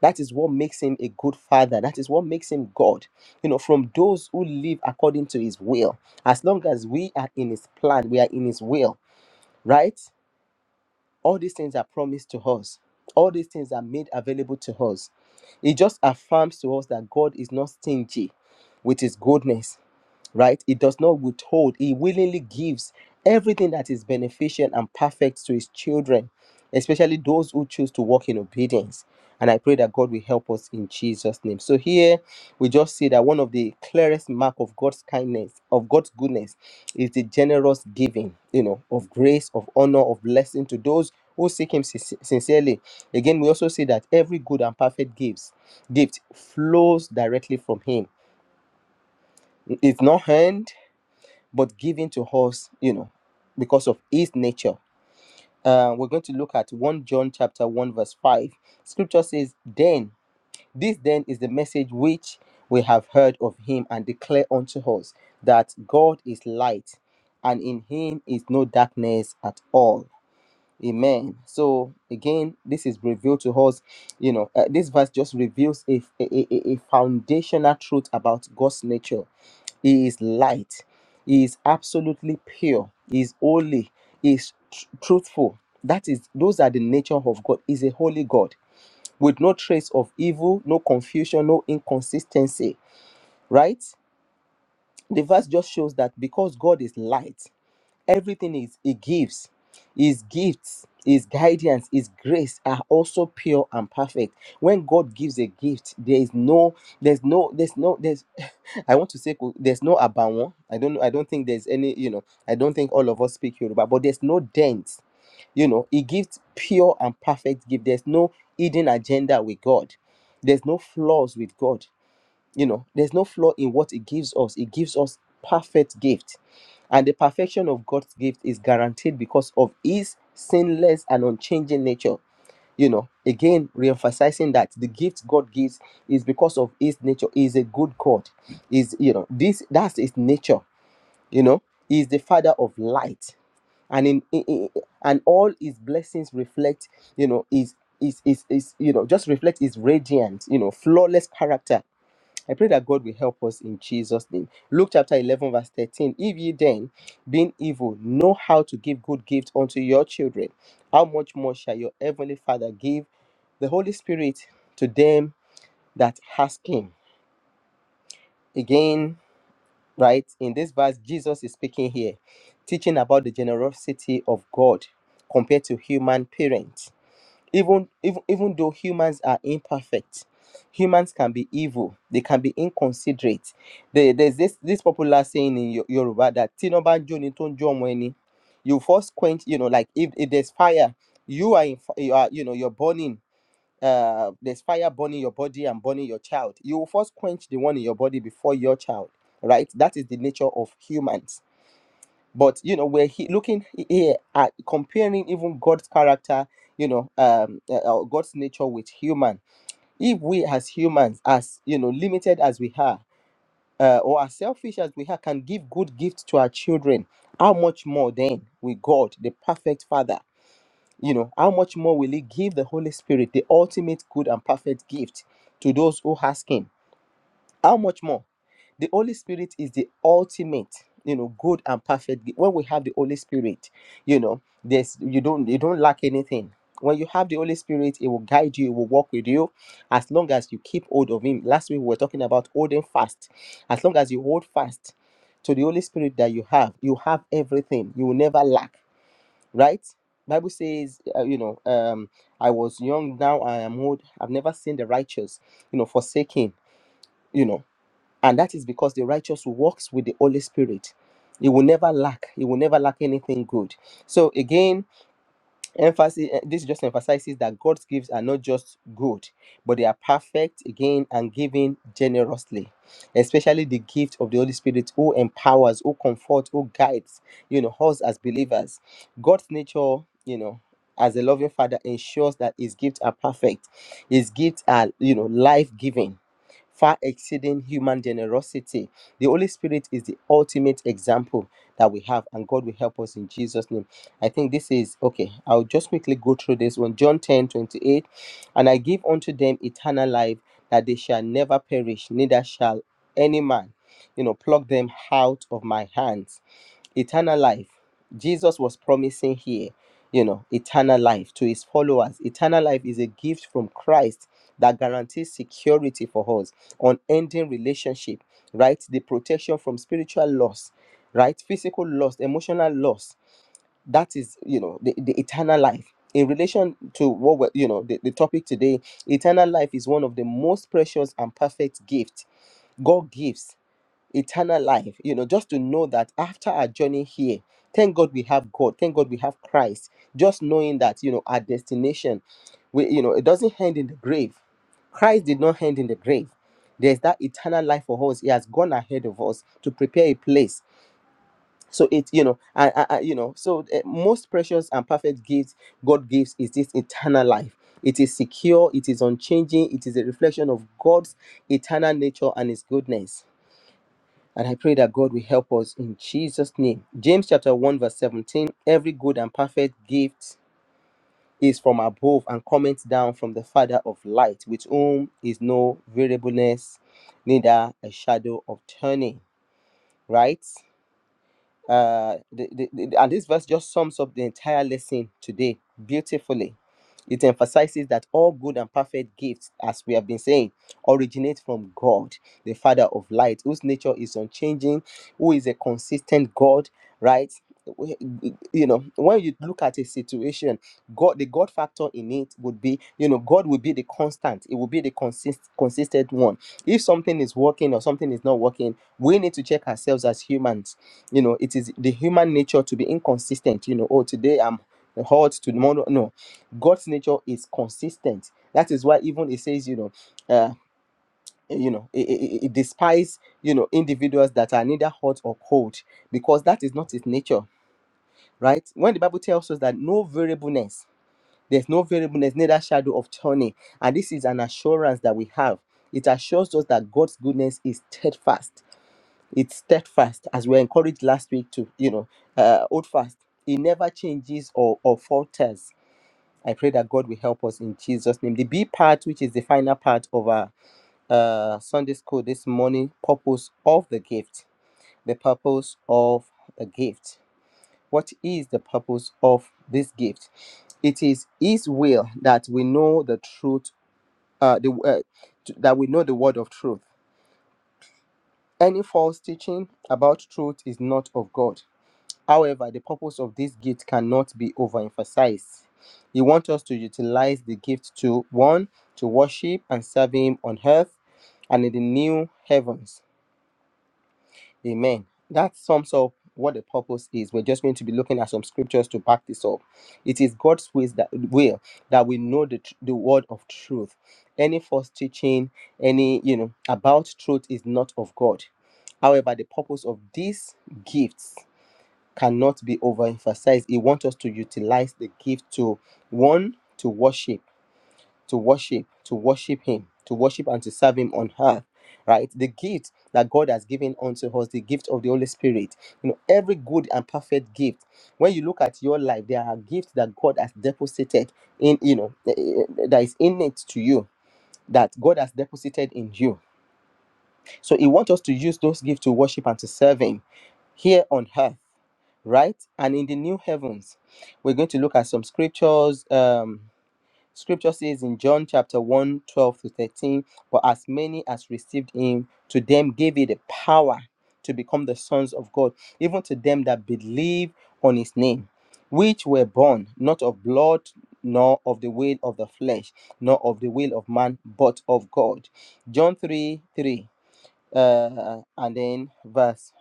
S3: that is what makes him a good father that is what makes him god you know from those who live according to his will as long as we are in his plan we are in his will right all these things are promised to us. All these things are made available to us. It just affirms to us that God is not stingy with his goodness right? It does not withhold, He willingly gives everything that is beneficial and perfect to His children, especially those who choose to walk in obedience. And I pray that God will help us in Jesus' name. So here we just see that one of the clearest mark of God's kindness, of God's goodness, is the generous giving, you know, of grace, of honor, of blessing to those who seek Him sin- sincerely. Again, we also see that every good and perfect gifts, gift flows directly from Him. It's not earned, but given to us, you know, because of his nature. Uh, we're going to look at 1 John chapter 1, verse 5. Scripture says, Then, this then is the message which we have heard of him and declare unto us that God is light, and in him is no darkness at all. Amen. So again, this is revealed to us. You know, uh, this verse just reveals a, a, a, a foundational truth about God's nature. He is light. He is absolutely pure. He is holy. He is tr- truthful. That is, those are the nature of God. He is a holy God with no trace of evil, no confusion, no inconsistency. Right? The verse just shows that because God is light, everything is he gives his gifts his guidance his grace are also pure and perfect when god gives a gift there is no there's no there's no there's i want to say ko- there's no abawon i don't know i don't think there's any you know i don't think all of us speak yoruba but there's no dent you know he gives pure and perfect gift there's no hidden agenda with god there's no flaws with god you know there's no flaw in what it gives us it gives us perfect gift and the perfection of god's gift is guaranteed because of his sinless and unchanging nature you know again re-emphasizing that the gift god gives is because of his nature He is a good god is you know this that's his nature you know he is the father of light and in, in, in- and all his blessings reflect you know his is is is you know just reflect his radiant you know flawless character I pray that God will help us in Jesus' name. Luke chapter 11, verse 13. If ye then, being evil, know how to give good gifts unto your children, how much more shall your heavenly Father give the Holy Spirit to them that ask Him? Again, right, in this verse, Jesus is speaking here, teaching about the generosity of God compared to human parents even even even though humans are imperfect humans can be evil they can be inconsiderate There- there's this this popular saying in Yo- yoruba that tinobanjo ni tonjo mweni you first quench you know like if, if there's fire you are in fi- you are you know you're burning uh there's fire burning your body and burning your child you will first quench the one in your body before your child right that is the nature of humans but you know we're he- looking here at comparing even god's character you know um uh, uh, god's nature with human if we as humans as you know limited as we are uh, or as selfish as we are can give good gifts to our children how much more then with god the perfect father you know how much more will he give the holy spirit the ultimate good and perfect gift to those who ask him how much more the holy spirit is the ultimate you know good and perfect gift. when we have the holy spirit you know there's you don't you don't lack anything when you have the holy spirit it will guide you it will walk with you as long as you keep hold of him last week we were talking about holding fast as long as you hold fast to the holy spirit that you have you have everything you will never lack right bible says uh, you know um i was young now i am old i've never seen the righteous you know forsaken you know and that is because the righteous walks with the Holy Spirit. He will never lack. He will never lack anything good. So again, emphasis. eh, This just emphasizes that God's gifts are not just good, but they are perfect again and given generously. Especially the gift of the Holy Spirit, who empowers, who comforts, who guides. You know us as believers. God's nature, you know, as a loving Father, ensures that His gifts are perfect. His gifts are, you know, life-giving far exceeding human generosity. The Holy Spirit is the ultimate example that we have, and God will help us in Jesus' name. I think this is okay. I'll just quickly go through this one. John 10 28, And I give unto them eternal life, that they shall never perish, neither shall any man, you know, pluck them out of my hands eternal life. Jesus was promising here, you know, eternal life to his followers. Eternal life is a gift from Christ that guarantees security for us, unending relationship, right? The protection from spiritual loss, right? Physical loss, emotional loss. That is, you know, the, the eternal life. In relation to what we're, you know, the, the topic today, eternal life is one of the most precious and perfect gifts God gives eternal life you know just to know that after our journey here thank god we have god thank god we have christ just knowing that you know our destination we you know it doesn't end in the grave christ did not end in the grave there's that eternal life for us he has gone ahead of us to prepare a place so it you know I, I, I- you know so uh, most precious and perfect gifts god gives is this eternal life it is secure it is unchanging it is a reflection of god's eternal nature and his goodness and I pray that God will help us in Jesus' name. James chapter 1, verse 17. Every good and perfect gift is from above and cometh down from the Father of light, with whom is no variableness, neither a shadow of turning. Right? uh, the, the, the- and this verse just sums up the entire lesson today beautifully. It emphasizes that all good and perfect gifts, as we have been saying, originate from God, the Father of light, whose nature is unchanging, who is a consistent God, right? We- You know, when you look at a situation, God, the God factor in it would be, you know, God will be the constant, it will be the consist, consistent one. If something is working or something is not working, we need to check ourselves as humans you know it is the human nature to be inconsistent you know oh today i'm hot tomorrow no god's nature is consistent that is why even it says you know uh you know it, it, it despise you know individuals that are neither hot or cold because that is not his nature right when the bible tells us that no variableness there's no variableness neither shadow of turning and this is an assurance that we have it assures us that god's goodness is steadfast it's steadfast as we were encouraged last week to you know uh hold fast it never changes or or falters i pray that god will help us in jesus name the b part which is the final part of our uh sunday school this morning purpose of the gift the purpose of the gift what is the purpose of this gift it is his will that we know the truth uh the uh, that we know the word of truth any false teaching about truth is not of god However, the purpose of this gift cannot be overemphasized. He wants us to utilize the gift to one, to worship and serve Him on earth and in the new heavens. Amen. That sums up what the purpose is. We're just going to be looking at some scriptures to back this up. It is God's ways that will that we know the, tr- the word of truth. Any false teaching, any you know about truth is not of God. However, the purpose of these gifts cannot be overemphasized. He wants us to utilize the gift to one, to worship, to worship, to worship Him, to worship and to serve Him on earth, right? The gift that God has given unto us, the gift of the Holy Spirit. You know, every good and perfect gift. When you look at your life, there are gifts that God has deposited in, you know, eh, eh, that is innate to you, that God has deposited in you so he wants us to use those gifts to worship and to serve him here on earth, right? And in the new heavens. We're going to look at some scriptures. Um, scripture says in John chapter one 12 to 13, but as many as received him, to them gave he the power to become the sons of God, even to them that believe on his name, which were born not of blood, nor of the will of the flesh, nor of the will of man, but of God. John 3 3 uh, and then verse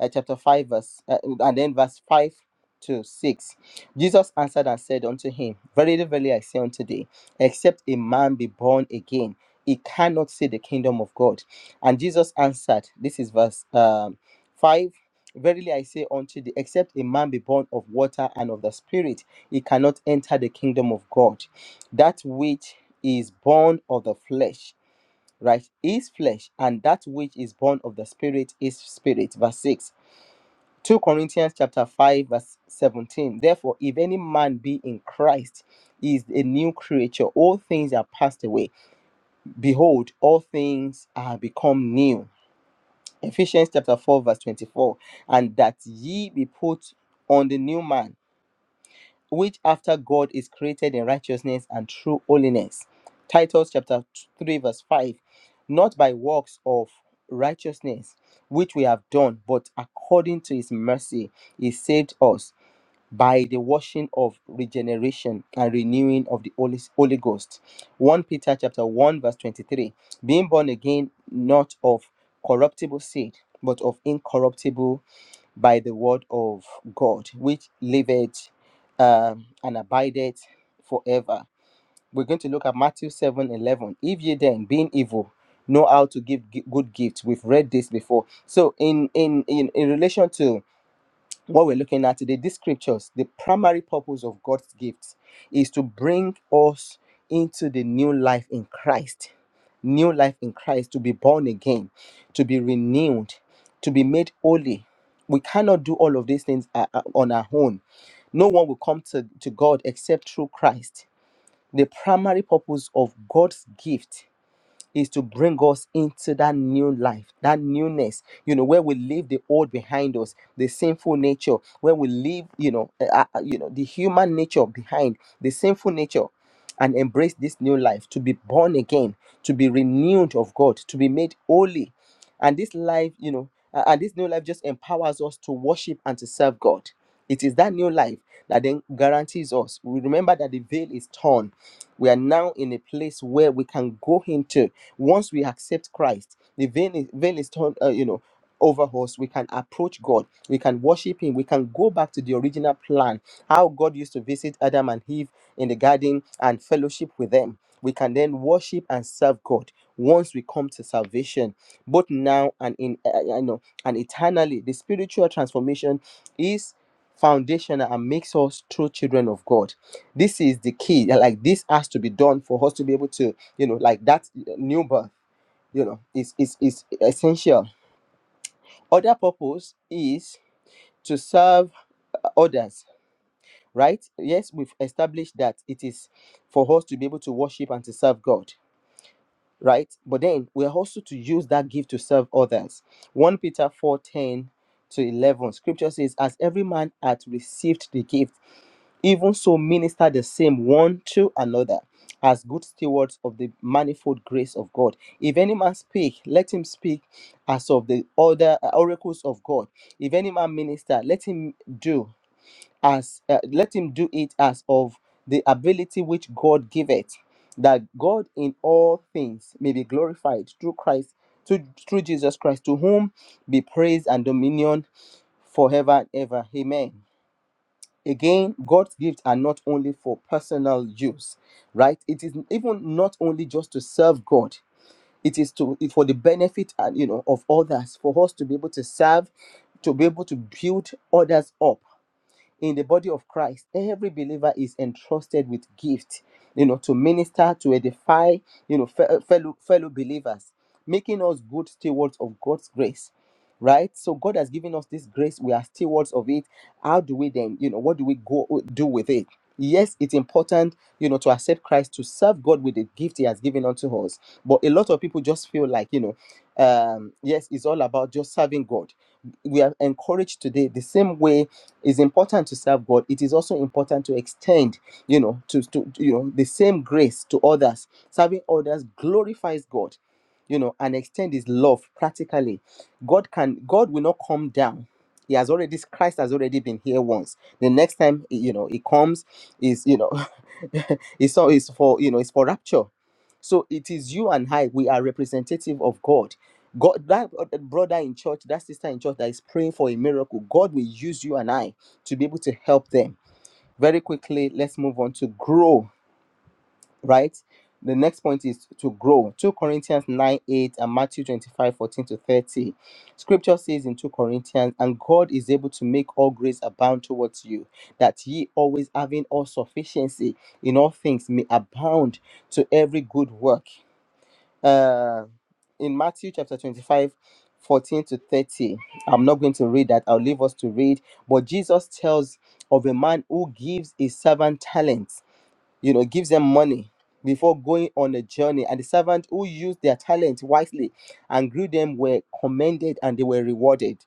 S3: uh, chapter 5 verse uh, and then verse 5 to 6 jesus answered and said unto him verily verily i say unto thee except a man be born again he cannot see the kingdom of god and jesus answered this is verse um, 5 verily i say unto thee except a man be born of water and of the spirit he cannot enter the kingdom of god that which is born of the flesh right is flesh and that which is born of the spirit is spirit verse 6 2 corinthians chapter 5 verse 17 therefore if any man be in christ he is a new creature all things are passed away behold all things are become new ephesians chapter 4 verse 24 and that ye be put on the new man which after God is created in righteousness and true holiness. Titus chapter 3, verse 5. Not by works of righteousness which we have done, but according to his mercy, he saved us by the washing of regeneration and renewing of the Holy, Holy Ghost. 1 Peter chapter 1, verse 23. Being born again, not of corruptible seed, but of incorruptible by the word of God, which liveth um, and abideth forever. We're going to look at Matthew 7 11. If ye then, being evil, know how to give gi- good gifts, we've read this before. So, in in in, in relation to what we're looking at today, these scriptures, the primary purpose of God's gifts is to bring us into the new life in Christ. New life in Christ, to be born again, to be renewed, to be made holy. We cannot do all of these things uh, uh, on our own. No one will come to, to God except through Christ. The primary purpose of God's gift is to bring us into that new life, that newness, you know, where we leave the old behind us, the sinful nature, where we leave, you know, uh, uh, you know, the human nature behind, the sinful nature, and embrace this new life, to be born again, to be renewed of God, to be made holy. And this life, you know, uh, and this new life just empowers us to worship and to serve God. It is that new life that then guarantees us. We remember that the veil is torn. We are now in a place where we can go into once we accept Christ, the veil is, veil is torn, uh, you know, over us. We can approach God. We can worship Him. We can go back to the original plan, how God used to visit Adam and Eve in the garden and fellowship with them. We can then worship and serve God once we come to salvation, both now and in uh, uh, you know and eternally. The spiritual transformation is foundational and makes us true children of God. This is the key. Like this has to be done for us to be able to you know like that new birth you know is is is essential other purpose is to serve others right yes we've established that it is for us to be able to worship and to serve god right but then we are also to use that gift to serve others 1 peter four ten to 11 scripture says as every man hath received the gift Even so, minister the same one to another as good stewards of the manifold grace of God. If any man speak, let him speak as of the other uh, oracles of God. If any man minister, let him do as uh, let him do it as of the ability which God giveth, that God in all things may be glorified through Christ, to, through Jesus Christ, to whom be praise and dominion forever and ever. Amen. Again, God's gifts are not only for personal use, right? It is even not only just to serve God. It is to for the benefit and you know of others, for us to be able to serve, to be able to build others up in the body of Christ, every believer is entrusted with gift, you know, to minister, to edify, you know, fe- fellow fellow believers, making us good stewards of God's grace. Right, so God has given us this grace. We are stewards of it. How do we then, you know, what do we go do with it? Yes, it's important, you know, to accept Christ to serve God with the gift He has given unto us. But a lot of people just feel like, you know, um, yes, it's all about just serving God we are encouraged today the same way it's important to serve god it is also important to extend you know to, to you know the same grace to others serving others glorifies god you know and extend his love practically god can god will not come down he has already christ has already been here once the next time you know he comes is you know it's all is for you know it's for rapture so it is you and i we are representative of god God, that brother in church, that sister in church that is praying for a miracle, God will use you and I to be able to help them. Very quickly, let's move on to grow, right? The next point is to grow. 2 Corinthians 9 8 and Matthew 25 14 to 30. Scripture says in 2 Corinthians, and God is able to make all grace abound towards you, that ye always having all sufficiency in all things may abound to every good work uh, in Matthew chapter 25, 14 to 30. I'm not going to read that. I'll leave us to read. But Jesus tells of a man who gives his servant talents, you know, gives them money before going on a journey. And the servant who used their talent wisely and grew them were commended and they were rewarded.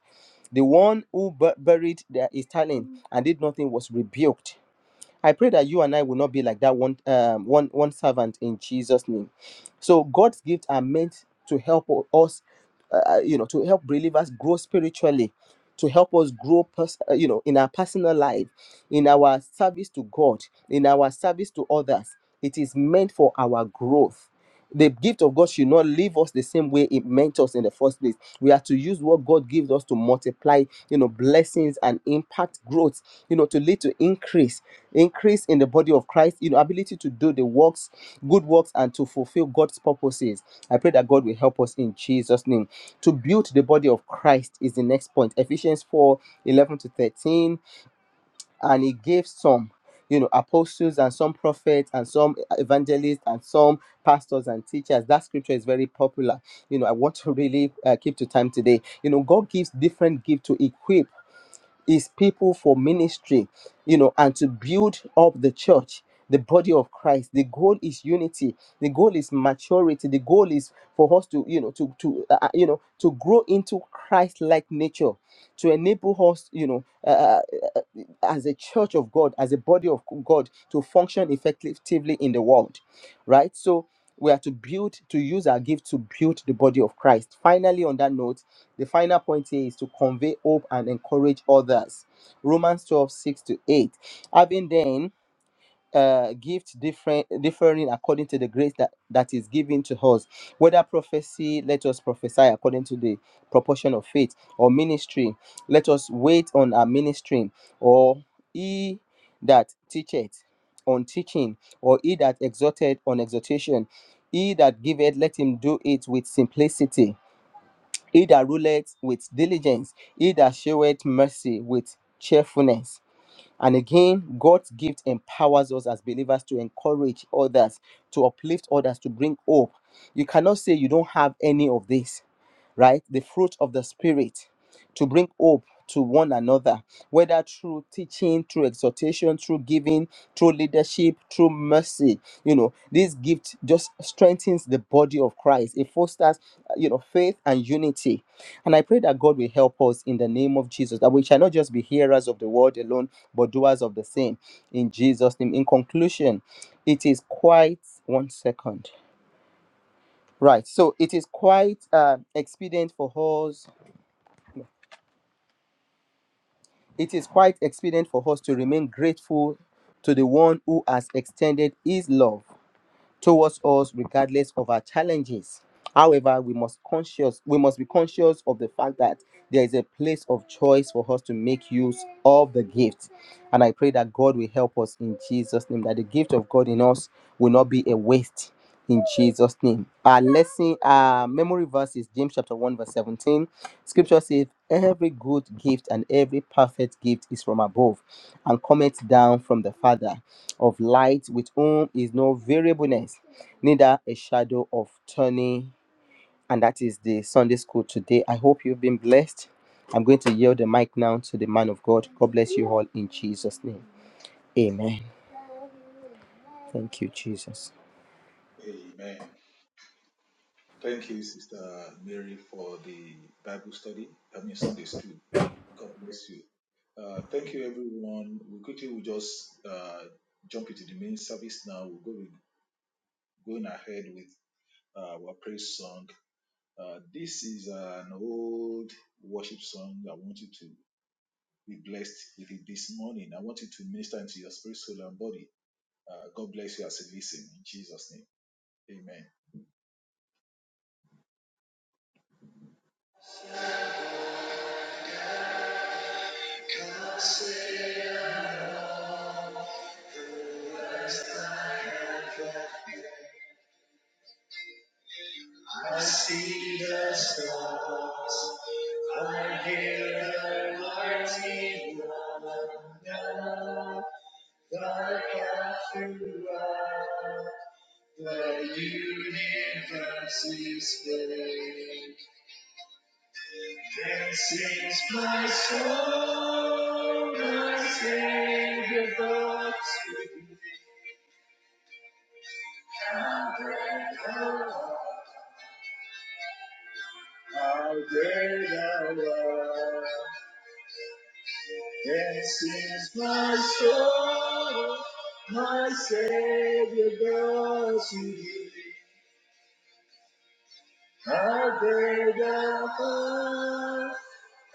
S3: The one who bu- buried their, his talent and did nothing was rebuked I pray that you and I will not be like that one, um, one, one servant in Jesus' name. So God's gifts are meant to help us, uh, uh, you know, to help believers grow spiritually, to help us grow, pers- uh, you know, in our personal life, in our service to God, in our service to others. It is meant for our growth the gift of God should not leave us the same way it meant us in the first place. We are to use what God gives us to multiply, you know, blessings and impact growth, you know, to lead to increase, increase in the body of Christ, you know, ability to do the works, good works, and to fulfill God's purposes. I pray that God will help us in Jesus' name. To build the body of Christ is the next point. Ephesians 4 11 to 13 and he gave some you know apostles and some prophets and some evangelists and some pastors and teachers that scripture is very popular you know i want to really uh, keep to time today you know god gives different gifts to equip his people for ministry, you know, and to build up the church, the body of Christ. The goal is unity. The goal is maturity. The goal is for us to, you know, to to uh, uh, you know to grow into Christ-like nature, to enable us, you know, uh, uh, uh, as a church of God, as a body of God, to function effectively in the world, right? So we are to build, to use our gift to build the body of Christ. Finally, on that note the final point here is to convey hope and encourage others. Romans 12 6 to 8. Having then uh, gift different differing according to the grace that, that is given to us. Whether prophecy, let us prophesy according to the proportion of faith, or ministry, let us wait on our ministry, or he that teacheth on teaching, or he that exhorteth on exhortation, he that giveth, let him do it with simplicity he that ruleth with diligence, he that showeth mercy with cheerfulness. And again, God's gift empowers us as believers to encourage others, to uplift others, to bring hope. You cannot say you don't have any of this, right? The fruit of the Spirit to bring hope to one another, whether through teaching, through exhortation, through giving, through leadership, through mercy. You know, this gift just strengthens the body of Christ. It fosters, uh, you know, faith and unity and I pray that God will help us in the name of Jesus, that we shall not just be hearers of the word alone, but doers of the same. In Jesus' name. In conclusion, it is quite one second. Right. So it is quite uh, expedient for us. It is quite expedient for us to remain grateful to the one who has extended his love towards us regardless of our challenges however we must conscious we must be conscious of the fact that there is a place of choice for us to make use of the gift and i pray that god will help us in jesus name that the gift of god in us will not be a waste in jesus name our lesson our memory verse is james chapter 1 verse 17 scripture says every good gift and every perfect gift is from above and cometh down from the father of light with whom is no variableness, neither a shadow of turning. And that is the Sunday school today. I hope you've been blessed. I'm going to yield the mic now to the man of God. God bless you all in Jesus' name. Amen. Thank you, Jesus.
S4: I see the stars. I hear the mighty thunder. The God throughout the universe is big. This is my soul, my Savior, God. How great thou art. how great thou art. This is my soul, my Savior goes to thee. I beg thou, heart,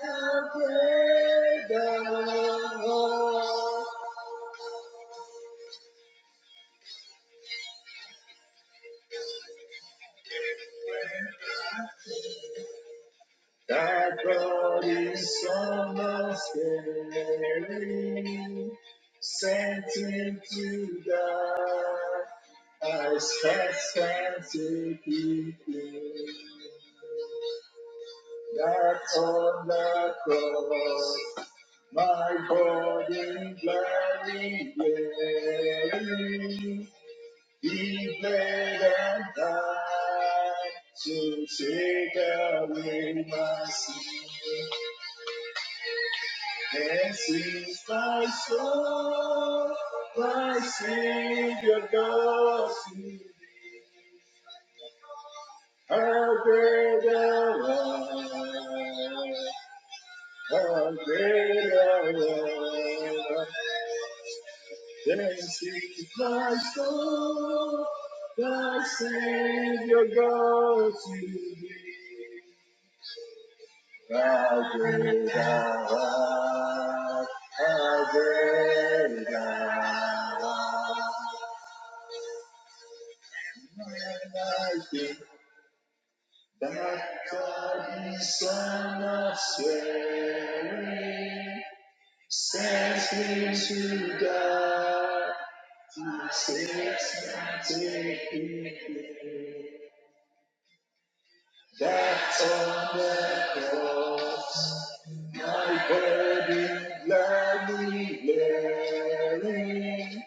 S4: I beg thou, heart. Thy body so much sent him to die. I stand, stand to keep him. That's on the cross, my burden gladly bearing. He bled and died to take away my sin. And since my soul, my Savior loves me, how great a love, how great a love. This is my soul, the Savior God to thee. How great thou art, how great thou art. And I think that the Son of Swearing sends me to God to save my take me. free. That's on the cross. My burden gladly bearing.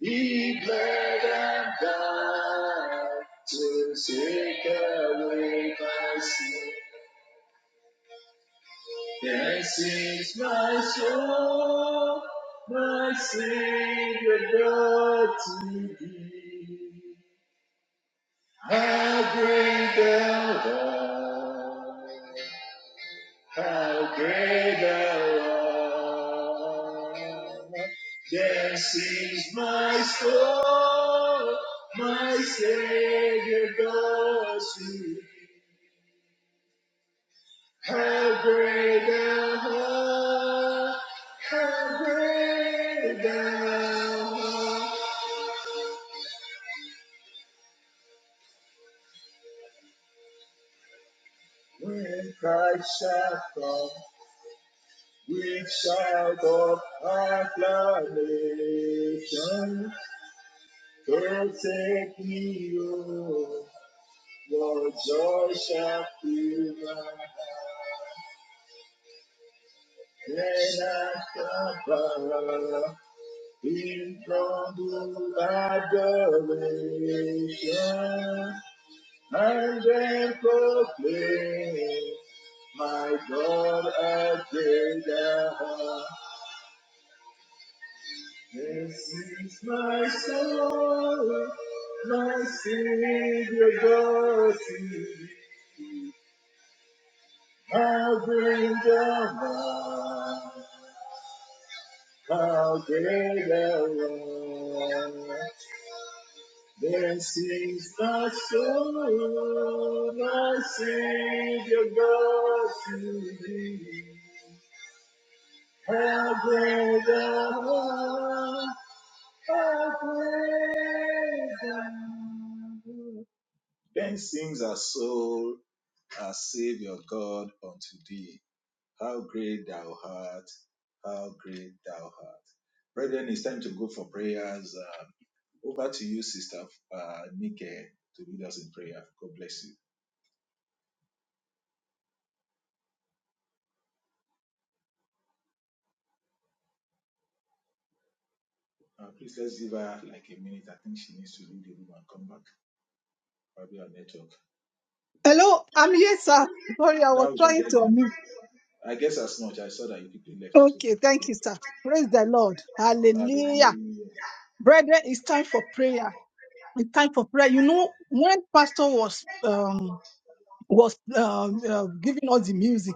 S4: He bled and died to take away my sin. This is my soul, my Savior God to thee. How great thou art. How great thou art. This is my soul, my Savior does you. How great thou art. How great thou art. When Christ shall come, with shout of acclamation, forsake me, O Your joy shall fill my heart, and I anchor in humble adoration, and then proclaim, my God, I pray that this is my soul, my Savior, God, to thee. I bring down How great thou art. This is the soul I Savior brought to thee. How great thou art. How great thou
S5: Hello, I'm here, sir. Sorry, I was trying to unmute. Okay, thank you, sir. Praise the Lord. Hallelujah. Brethren, it's time for prayer. It's time for prayer. You know, when Pastor was um was um uh, giving us the music,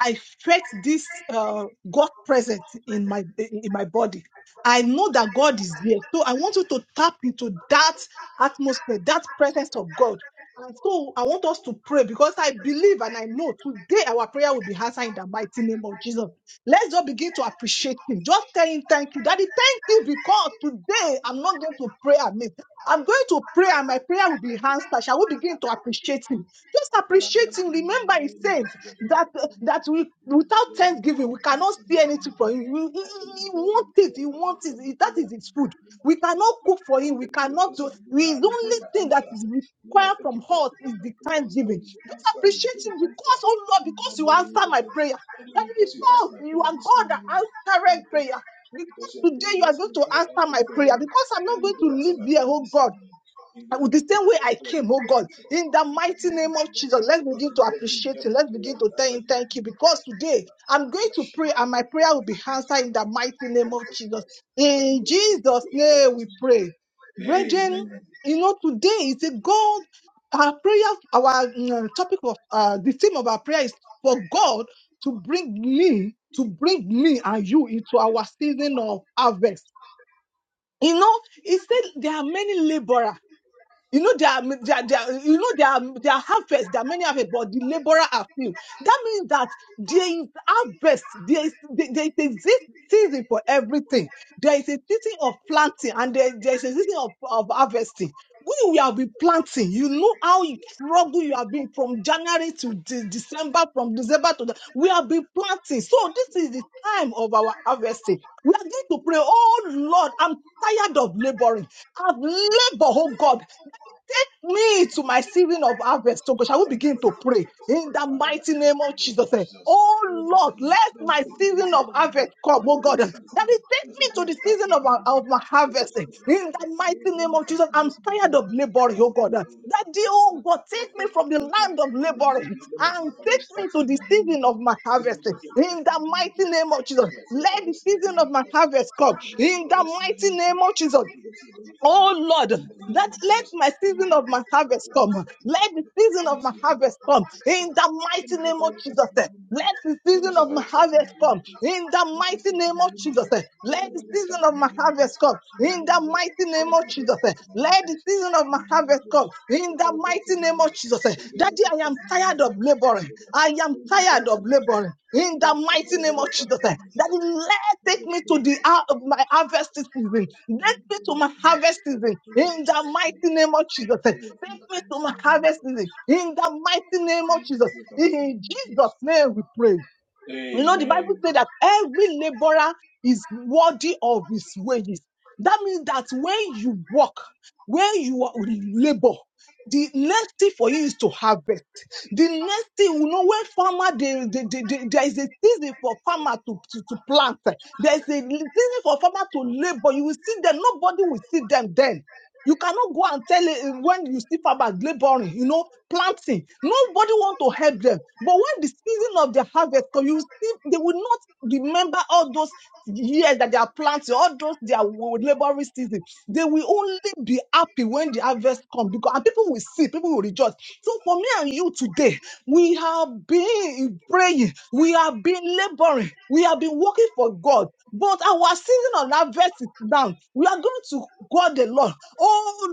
S5: I felt this uh, God present in my in my body. I know that God is there, so I want you to tap into that atmosphere, that presence of God. And so I want us to pray because I believe and I know today our prayer will be answered in the mighty name of Jesus. Let's just begin to appreciate Him. Just tell Him thank you, Daddy. Thank you because today I'm not going to pray amiss. I'm going to pray and my prayer will be answered. Shall we begin to appreciate Him? Just appreciate him. Remember, he said that uh, that we without thanksgiving we cannot see anything for him. He, he, he he wants it. He wants it. He- That is his food. We cannot cook for him. We cannot do. We, his only thing that is required from us is the thanksgiving. Just appreciate him because, oh Lord, because you answer my prayer. And because you are God that answered prayer. Because today you are going to answer my prayer. Because I'm not going to live here, oh God. And with the same way I came, oh God, in the mighty name of Jesus, let's begin to appreciate Him. Let's begin to tell Him thank you because today I'm going to pray and my prayer will be answered in the mighty name of Jesus. In Jesus' name we pray. Brethren, you know, today is a God, our prayer, our mm, topic of uh, the theme of our prayer is for God to bring me, to bring me and you into our season of harvest. You know, He said there are many laborers you know there are, m- there, are- there, are- you know there are there are harvests, there are many harvests, but the laborer are few. That means that there is harvest, there is there, there is a sea- season for everything. There is a season of planting and there, there is a season of, of harvesting. When you have been planting, you know how you struggle you have been from January to De- December, from December to the, we have been planting. So this is the time of our harvesting. We are going to pray, oh Lord, I'm tired of laboring. I've labored, oh God. Take me to my season of harvest. So, God, shall we begin to pray in the mighty name of Jesus? eh. Oh Lord, let my season of harvest come, oh God. eh. That is, take me to the season of, our- of my harvest eh. in the mighty name of Jesus. I'm tired of laboring, oh God. eh. That the oh God, take me from the land of laboring and take me to the season of my harvest eh. in the mighty name of Jesus. Let the season of my harvest come in the mighty name of Jesus. Oh Lord, that let my season of my harvest come. Let the season of my harvest come in the mighty name of Jesus. eh. Let the season of my harvest come in the mighty name of Jesus. eh. Let the season of my harvest come in the mighty name of Jesus. eh. Let the season of my harvest come in the mighty name of Jesus. eh. Daddy, I am tired of laboring. I am tired of laboring in the mighty name of Jesus. eh. Daddy, take me to the hour of my harvest season. Take me to my harvest season in the mighty name of Jesus. Take me to my harvest season in the mighty name of Jesus. In Jesus' name we pray. You know, the Bible says that every laborer is worthy of his wages. That means that when you work, when you are- labor, the next thing for you is to harvest. The next thing, you know, when farmer, they, they, they, they- there is a season for farmer to, to, to plant. There is a season for farmer to labor. You will see them. Nobody will see them then. You cannot go and tell eh, when you see farmers laboring, you know, planting. Nobody want to help them. But when the season of the harvest comes, you see, they will not remember all those years that they are planting, all those their laboring season. They will only be happy when the harvest comes because and people will see, people will rejoice. So for me and you today, we have been praying, we have been laboring, we have been working for God, but our season of harvest is down. We are going to God the Lord. Oh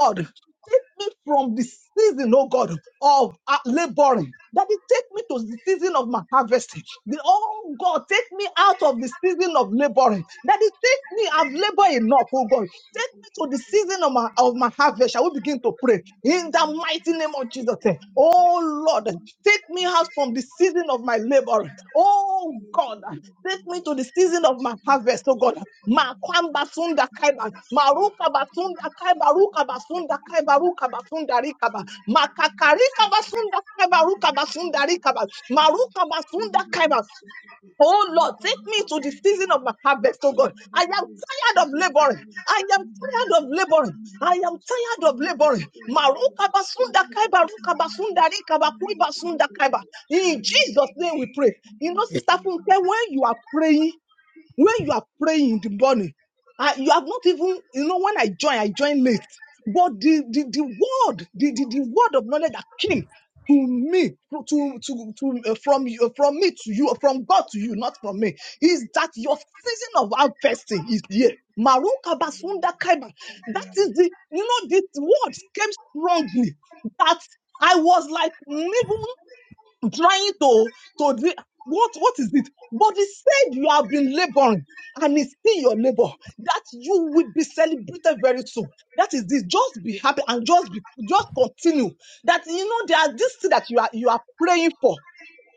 S5: Lord, Take me from the season, oh God, of uh, laboring. Daddy, take me to the season of my harvesting. The, oh God, take me out of the season of laboring. Daddy, take me. I've labored enough, oh God. Take me to the season of my of my harvest. I will begin to pray in the mighty name of Jesus. eh. Oh Lord, take me out from the season of my labor. Oh God, take me to the season of my harvest, oh God. Makwamba sunda kaiba, maruka basunda kaiba, ruka basunda kaiba, ruka basunda rikaba, makakarika basunda kaiba, ruka basunda rikaba, maruka basunda kaiba. Oh Lord, take me to the season of my harvest, oh God. I am tired of laboring. I am tired of laboring. I am tired of laboring. Maruka basunda kaiba, ruka basunda rikaba, kui basunda kaiba. In Jesus' name we pray. You know, Sister Funke, when you are praying, when you are praying in the morning, uh, you have not even, you know, when I join, I join late. But the the, the word, the, the, the word of knowledge that came to me, to to to to, uh, from you, uh, from me to you, from God to you, not from me, is that your season of harvesting is here. Maruka basunda kaiba. That is the you know this word came strongly that I was like even trying to to dri- what what is it? But he said you have been laboring. And it's still your labor that you will be celebrated very soon. That is this. Just be happy and just be just continue. That you know there are this thing that you are you are praying for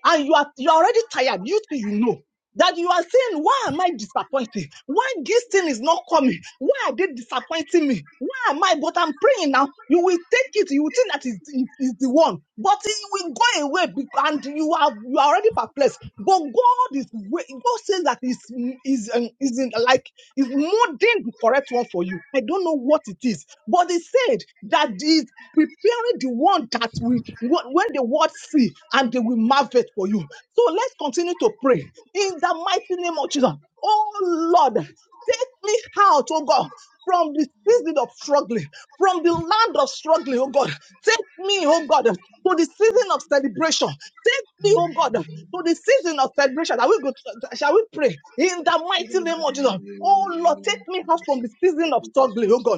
S5: and you are you are already tired. You too, you know that you are saying, why am I disappointed? Why this thing is not coming? Why are they disappointing me? Why am I? But I'm praying now. You will take it. You will think that is is the one, but it will go away. bec- And you are you are already perplexed. But God is wa- God says that is is um, is in, like is molding the correct one for you. I don't know what it is, but He said that is preparing the one that we wh- when the world see and they will marvel for you. So let's continue to pray in the mighty name of Jesus. Oh Lord, take me out, oh God, from the season of struggling, from the land of struggling, oh God. Take me, oh God, to the season of celebration. Take me, oh God, to the season of celebration. Shall we go? To, shall we pray in the mighty name of Jesus? Oh Lord, take me out from the season of struggling, oh God.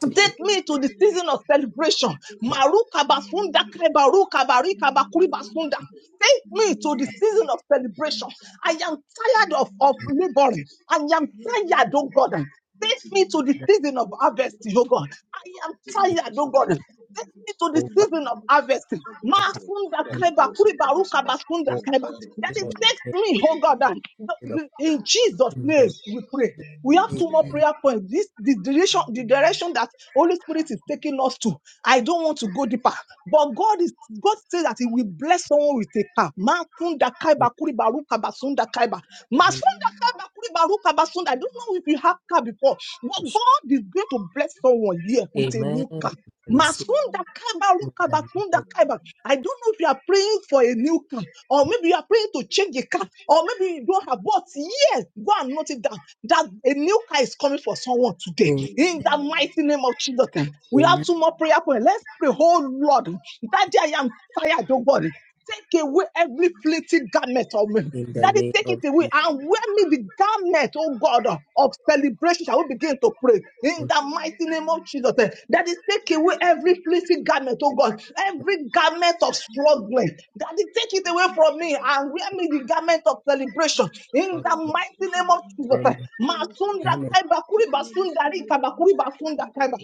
S3: Take me
S5: Take me to the season of celebration. Marukabasunda kebarukabarikabakuri-basunda. Take me to the season of celebration. I am tired of, of
S3: from
S5: laboring. I am tired, oh God. Take me to the
S3: that
S5: season of harvest, oh God. I am
S3: deep
S5: tired, oh God. Take me to the
S3: hole
S5: season of harvest.
S3: of
S5: Masunda
S3: happiness
S5: kreba kuribaruka basunda
S3: for
S5: kreba. That
S3: the
S5: it takes
S3: thing.
S5: me, oh God. and the-
S3: In the
S5: the- In Jesus' name,
S3: kingdom
S5: we pray. We have two more prayer points. This the direction, the direction that Holy Spirit is taking us to, I don't want to go deeper. But God is God says that He will bless someone with a car. Masunda kaiba
S3: of
S5: kuriba ruka basunda kaiba. Masunda kaiba kuriba ruka basunda. I don't know if you have car before, but
S3: Jesus.
S5: God is going to bless someone here with a
S3: Amen.
S5: new car.
S3: Amen. I receive
S5: Masunda kaiba
S3: in
S5: ruka
S3: the name
S5: basunda
S3: of
S5: kaiba. I don't know if you are praying for a new car, or maybe you are praying to change a car, or maybe you don't have. But yes, go and note it down that a new car is coming for someone today.
S3: Amen.
S5: In the mighty name of Jesus, eh, we have two more prayer points. Let's pray, oh Lord. Daddy, I am tired, oh God. Take away every fleeting garment of me.
S3: In the
S5: Daddy,
S3: name
S5: take it
S3: of
S5: away and wear me the garment, oh God, of celebration. Shall we begin to pray in
S3: been
S5: the mighty name of Jesus? eh, Daddy, take away every fleeting garment, oh God, every garment of struggling. Daddy, take it away from me and wear me the garment of celebration in
S3: struggling
S5: the mighty name of Jesus.
S3: with
S5: eh. Masunda
S3: damage
S5: kaiba kuri basunda rika bakuri basunda kaiba.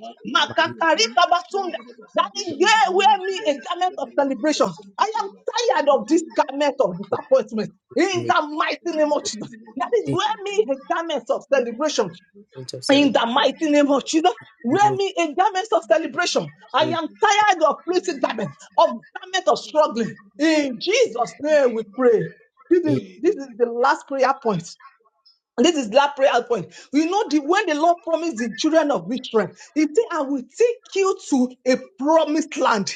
S3: my life
S5: Makakarika basunda. Daddy, yeah, wear me a garment of celebration. I am tired of this garment of
S3: will
S5: disappointment. In
S3: be a
S5: the mighty name of Jesus. That is,
S3: good
S5: wear me a garment of celebration.
S3: change of
S5: In
S3: celebration.
S5: the mighty name of Jesus.
S3: big
S5: Wear me a garment of celebration. I am tired of fleeting garment, of garment of struggling. In Jesus' name we pray. This is,
S3: day.
S5: this is the last prayer point. And this is that prayer point. You know, the, when the Lord promised the children of Israel, He said, I will take you to a promised land.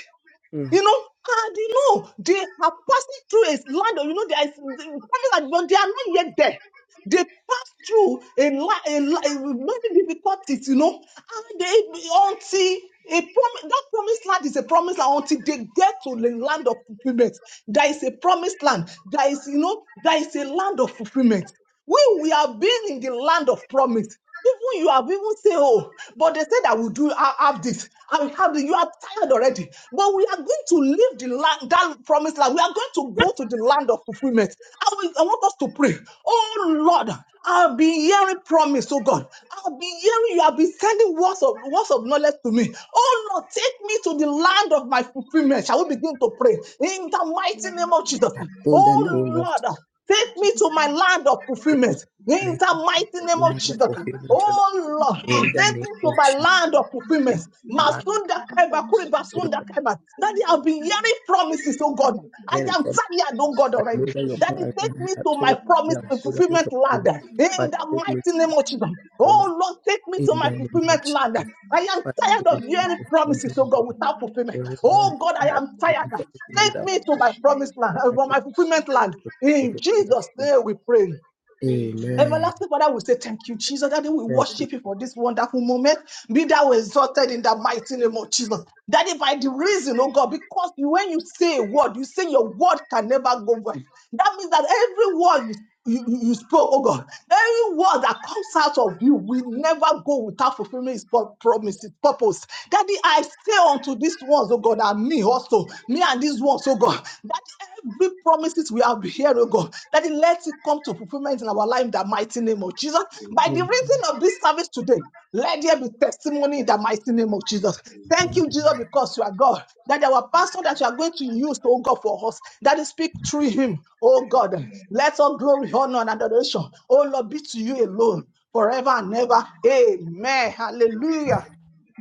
S3: Mm.
S5: You know, and you know, they are passing through a land of, you know, they are, they promise that, but they are not yet there. They pass through a, li- a, li- with many difficulties, you know, and they, until a promise, that promised land is a promised land until they get to the land of fulfillment. There is a promised land. There is, you know, there is a land of fulfillment. When we are being in the land of promise, even you have even said, oh, but they said I will do, I have this, I will have this. You are tired already. But we are going to leave the land, that promised land. We are going to go to the land of fulfillment. I, will, I want us to pray. Oh Lord, I've been hearing promise, oh God. I've been hearing you have been sending words of words of knowledge to me. Oh Lord, take me to the land of my fulfillment. Shall we begin to pray in the mighty name of Jesus?
S3: In the name of
S5: Oh Lord. Take me to my land of
S3: Jesus,
S5: fulfillment in
S3: let
S5: the mighty
S3: the
S5: name of
S3: land of
S5: Jesus.
S3: fulfillment. O
S5: Oh Lord,
S3: Lord. In the
S5: take
S3: name
S5: me to
S3: of
S5: my
S3: Jesus,
S5: land of
S3: take
S5: fulfillment.
S3: my life
S5: Masunda kaiba, kuri
S3: will
S5: basunda kaiba. Daddy, I've been hearing promises, oh God.
S3: be
S5: I
S3: again
S5: am
S3: come.
S5: tired, oh God,
S3: I
S5: already.
S3: know that your
S5: Daddy,
S3: plans are
S5: take me
S3: not
S5: to my
S3: towards
S5: my
S3: me, they
S5: promise
S3: are
S5: to
S3: good and not
S5: fulfillment
S3: of
S5: land
S3: evil. But
S5: in the
S3: take me to
S5: mighty
S3: my
S5: name of Jesus.
S3: God,
S5: Oh Lord, take me to
S3: In the
S5: my
S3: name of
S5: fulfillment land.
S3: Jesus,
S5: I am
S3: but take
S5: tired
S3: me
S5: of
S3: to
S5: hearing
S3: my
S5: promises, oh
S3: fulfillment.
S5: God,
S3: Lord.
S5: without
S3: Oh,
S5: fulfillment.
S3: I
S5: Oh
S3: am
S5: God, I
S3: tired of
S5: am tired.
S3: waiting for people
S5: Take
S3: without
S5: me to
S3: faith.
S5: my promised land,
S3: Father,
S5: uh,
S3: take me to
S5: my fulfillment land.
S3: my
S5: In
S3: fulfillment.
S5: Jesus' name we pray.
S3: Amen.
S5: Everlasting Father, we say thank you, Jesus. Daddy, we
S3: Thank you.
S5: worship you for this wonderful moment. Be thou exalted in the mighty name of Jesus. Daddy, by the reason, oh God, because you- when you say a word, you say your word can never go void. That means that every word you you, you you spoke, oh God. Every word that comes out of you will never go without fulfilling his pur- promise, his purpose. Daddy, I say unto these ones, oh God, and me also, me and these ones, oh God oh God, that every promises we have here, oh God, that it lets it come to fulfillment in our life in the mighty name of Jesus. By the
S3: Amen.
S5: reason of this service today, let there be testimony in the mighty name of Jesus. Thank you, Jesus, because you are God. That our pastor that you are going to use, oh God, for us, that is speak through him, oh God. Let all glory, honor, and adoration, oh Lord, be to you alone forever and ever. Amen. Hallelujah.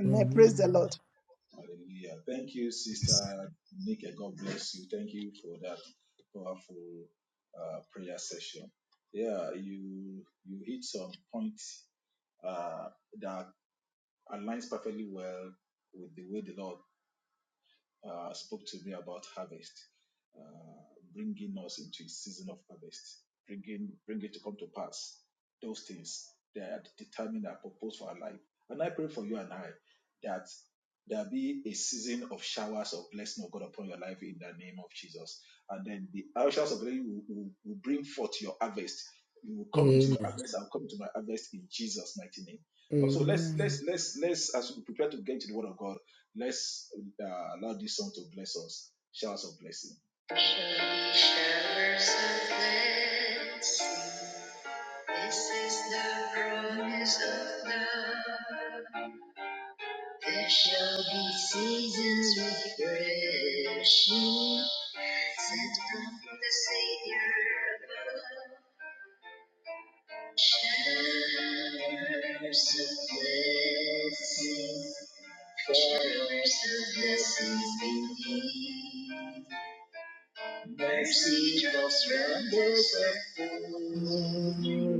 S5: Amen. Praise the Lord.
S3: Amen. Amen. Amen.
S4: art.
S3: Hallelujah.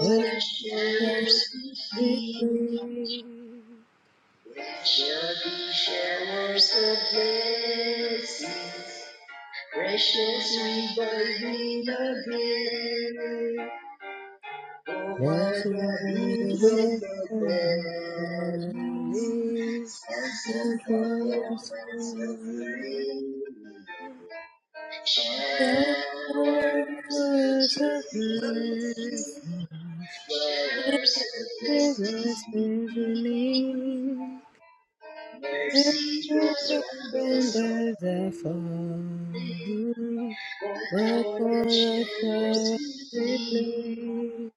S3: Let that be free. Let your release the bond of sin. Let us Let the surrender the falling, but for the shall we plead.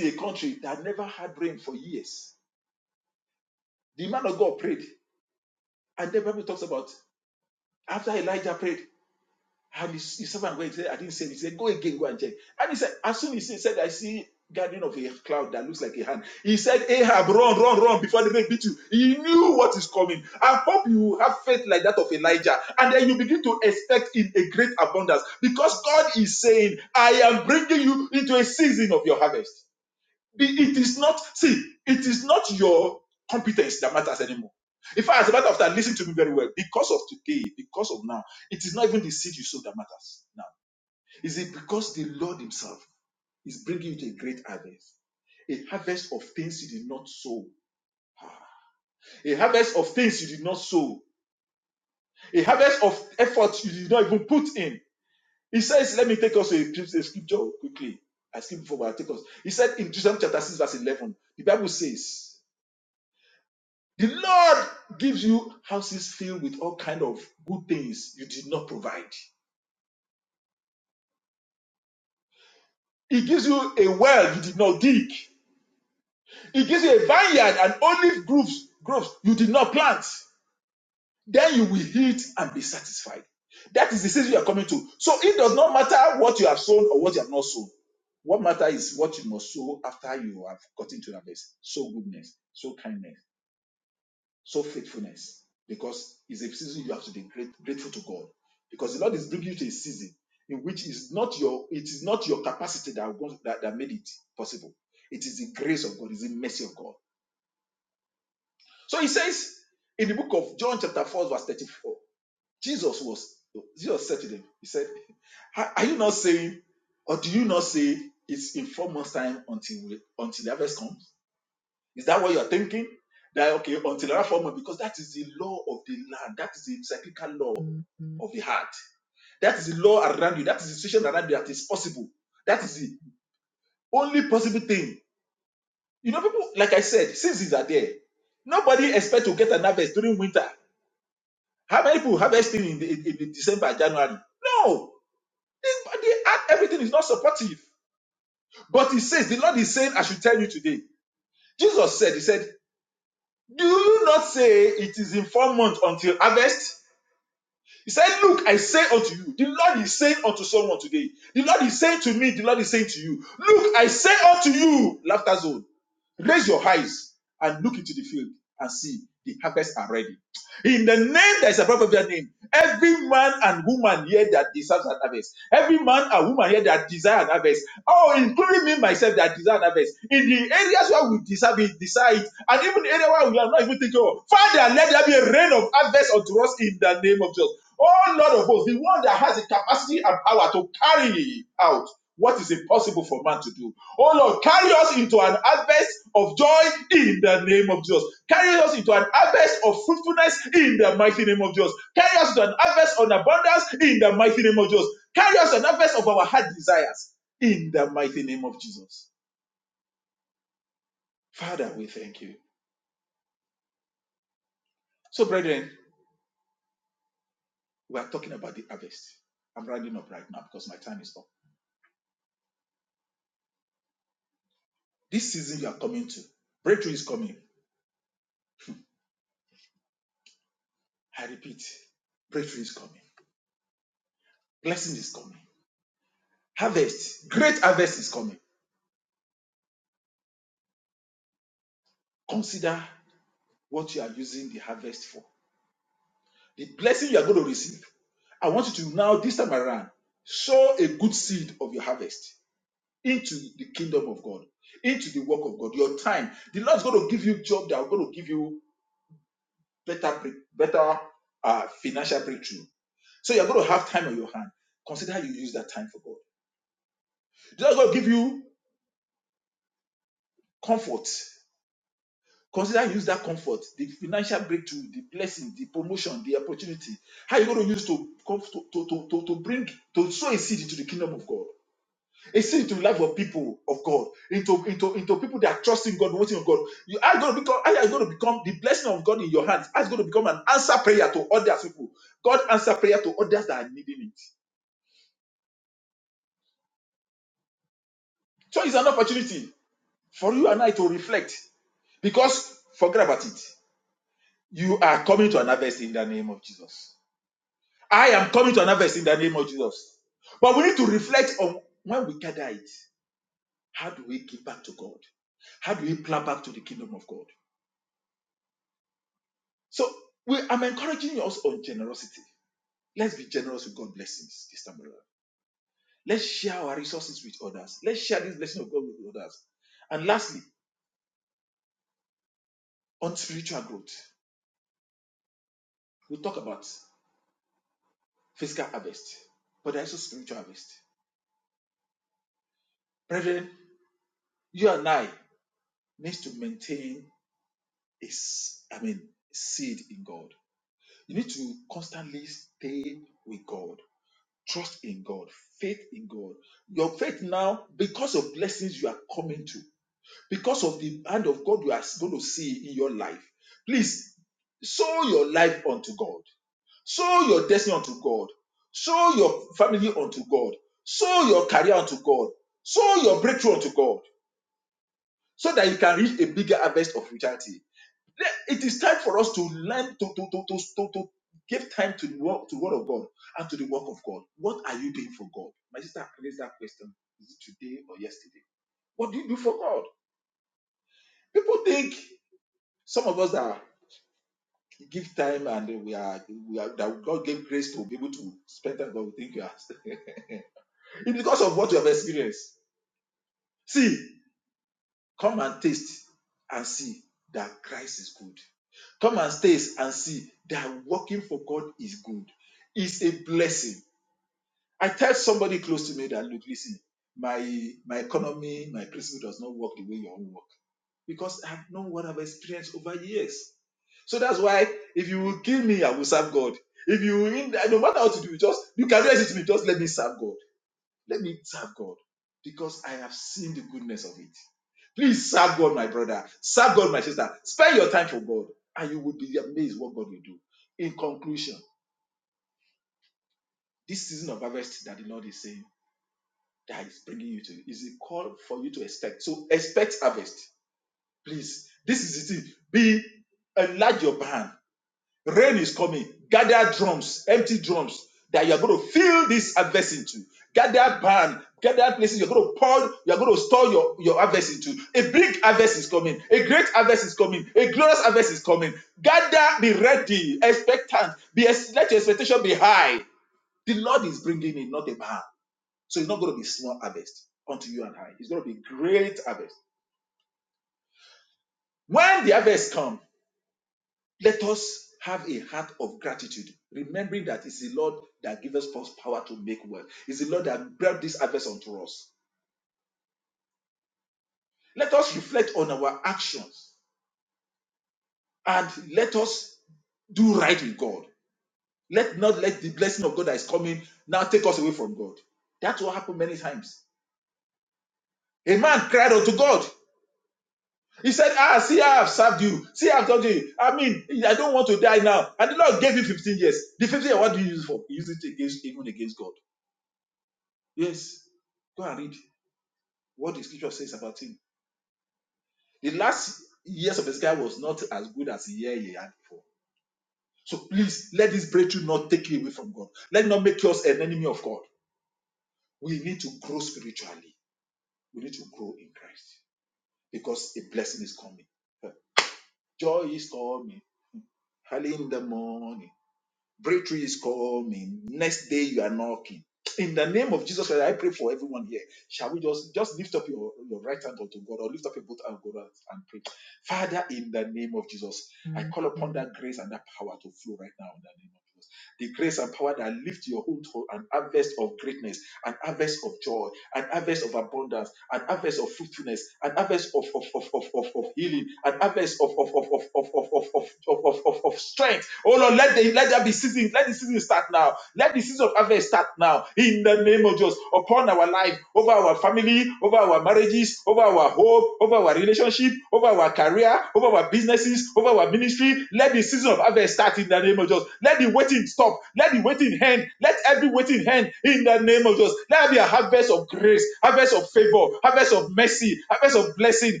S4: of, of, of, of, of, of, of, of, strength. Oh Lord, let the let there be season, let the season start now. Let the season of harvest start now in the name of Jesus upon our life, over our family, over our marriages, over our home, over our relationship, over our career, over our businesses, over our ministry. Let the season of harvest start in the name of Jesus. Let the waiting stop. Let the waiting end. Let every waiting end in the name of Jesus. Let there be a harvest of grace, harvest of favor, harvest of mercy, harvest of blessing,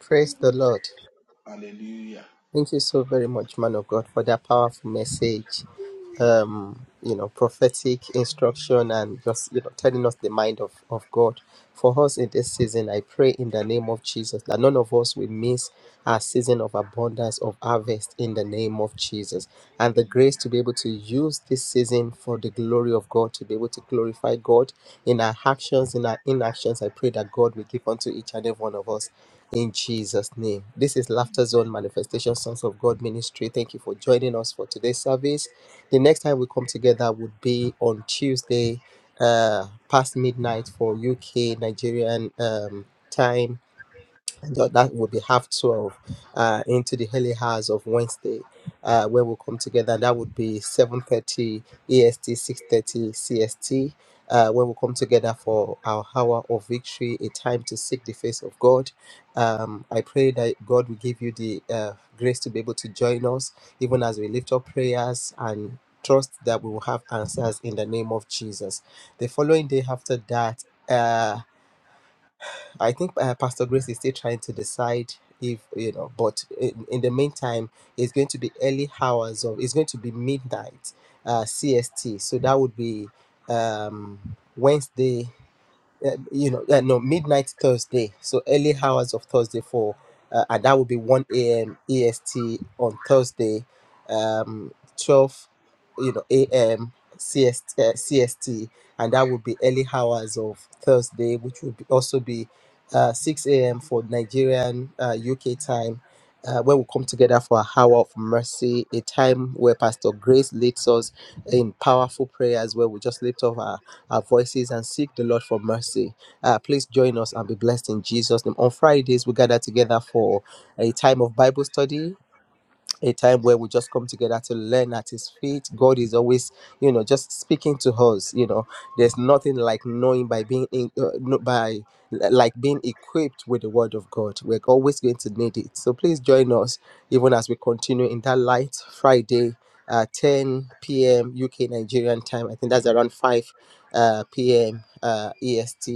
S3: Praise the Lord. Thank you so very much, man of God, for that powerful message. um, you know, prophetic instruction and just, you know, telling us the mind of, of God. For us in this season, I pray in the name of Jesus that none of us will miss our season of abundance of harvest in the name of Jesus. And the grace to be able to use this season for the glory of God, to be able to glorify God in our actions, in our inactions. I pray that God will give unto each and every one of us in Jesus' name. This is Laughter Zone Manifestation Sons of God Ministry. Thank you for joining us for today's service. The next time we come together would be on Tuesday, uh, past midnight for UK Nigerian um, time and that, that would be half 12 uh, into the early hours of Wednesday, uh, where we'll come together. that would be 7.30 EST, 6.30 CST, uh, where we'll come together for our hour of victory, a time to seek the face of God. Um, I pray that God will give you the uh, grace to be able to join us, even as we lift up prayers and trust that we will have answers in the name of Jesus. The following day after that, Uh, I think uh, Pastor Grace is still trying to decide if you know, but in, in the meantime, it's going to be early hours of it's going to be midnight uh, CST, so that would be um, Wednesday uh, you know, uh, no, midnight Thursday. So early hours of Thursday for, uh, and that will be 1 a.m. EST on Thursday, um, 12, you know, a.m. CST, uh, CST, and that will be early hours of Thursday, which will be also be uh, 6 a.m. for Nigerian uh, UK time. Uh, where we come together for a hour of mercy, a time where Pastor Grace leads us in powerful prayers, where we just lift up our our voices and seek the Lord for mercy. Uh, please join us and be blessed in Jesus' name. On Fridays, we gather together for a time of Bible study a time where we just come together to learn at his feet god is always you know just speaking to us you know there's nothing like knowing by being in, uh, no- by like being equipped with the word of god we're always going to need it so please join us even as we continue in that light friday uh, 10 p.m uk nigerian time i think that's around 5 uh, p.m uh, est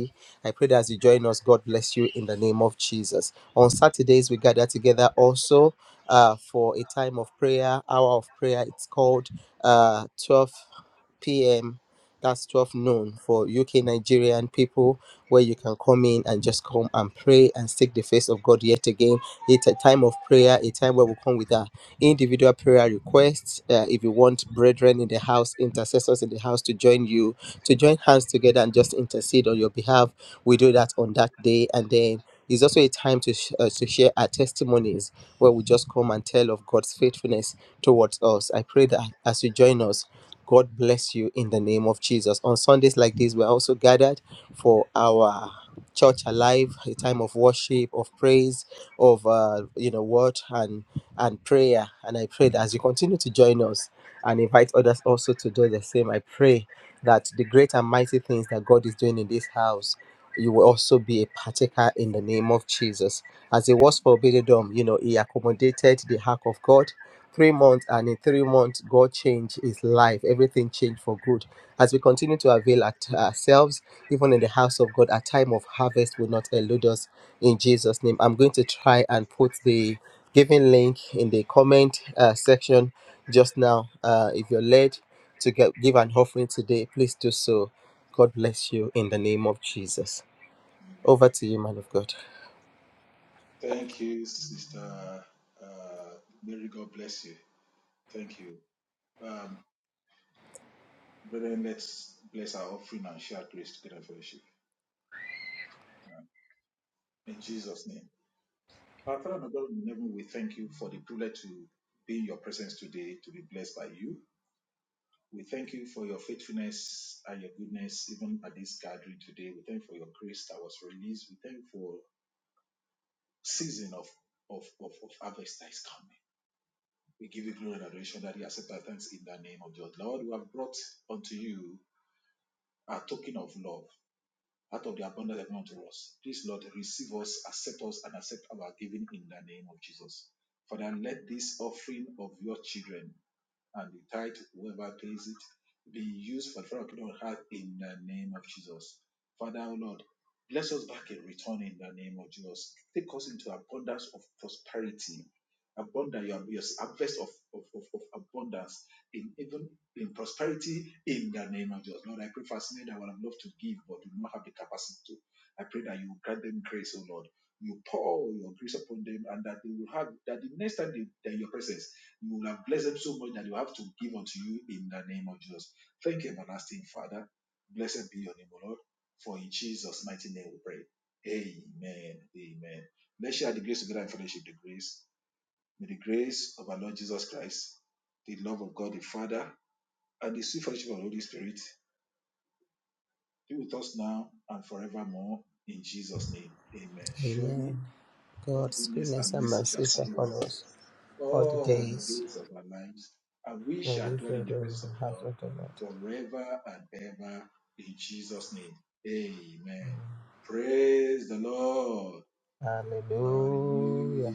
S3: i pray that as you join us god bless you in the name of jesus on saturdays we gather together also uh, for a time of prayer, hour of prayer. It's called uh, 12 p.m. That's 12 noon for UK Nigerian people, where you can come in and just come and pray and seek the face of God yet again. It's a time of prayer, a time where we come with our individual prayer requests. Uh, if you want brethren in the house, intercessors in the house to join you, to join hands together and just intercede on your behalf, we do that on that day. And then it's also a time to, sh- uh, to share our testimonies where we just come and tell of God's faithfulness towards us. I pray that as you join us, God bless you in the name of Jesus. On Sundays like this, we're also gathered for our church alive a time of worship of praise of uh, you know word and and prayer and i pray that as you continue to join us and invite others also to do the same i pray that the great and mighty things that god is doing in this house you will also be a partaker in the name of jesus as it was for Bidedom, you know, he accommodated the hack of God. Three months, and in three months, God changed his life. Everything changed for good. As we continue to avail at ourselves, even in the house of God, a time of harvest will not elude us in Jesus' name. I'm going to try and put the giving link in the comment uh, section just now. Uh, if you're led to get, give an offering today, please do so. God bless you in the name of Jesus. Over to you, man of God. Amen. God's goodness and mercy shall follow us all the days, and we shall dwell in the house of the Lord. Hallelujah.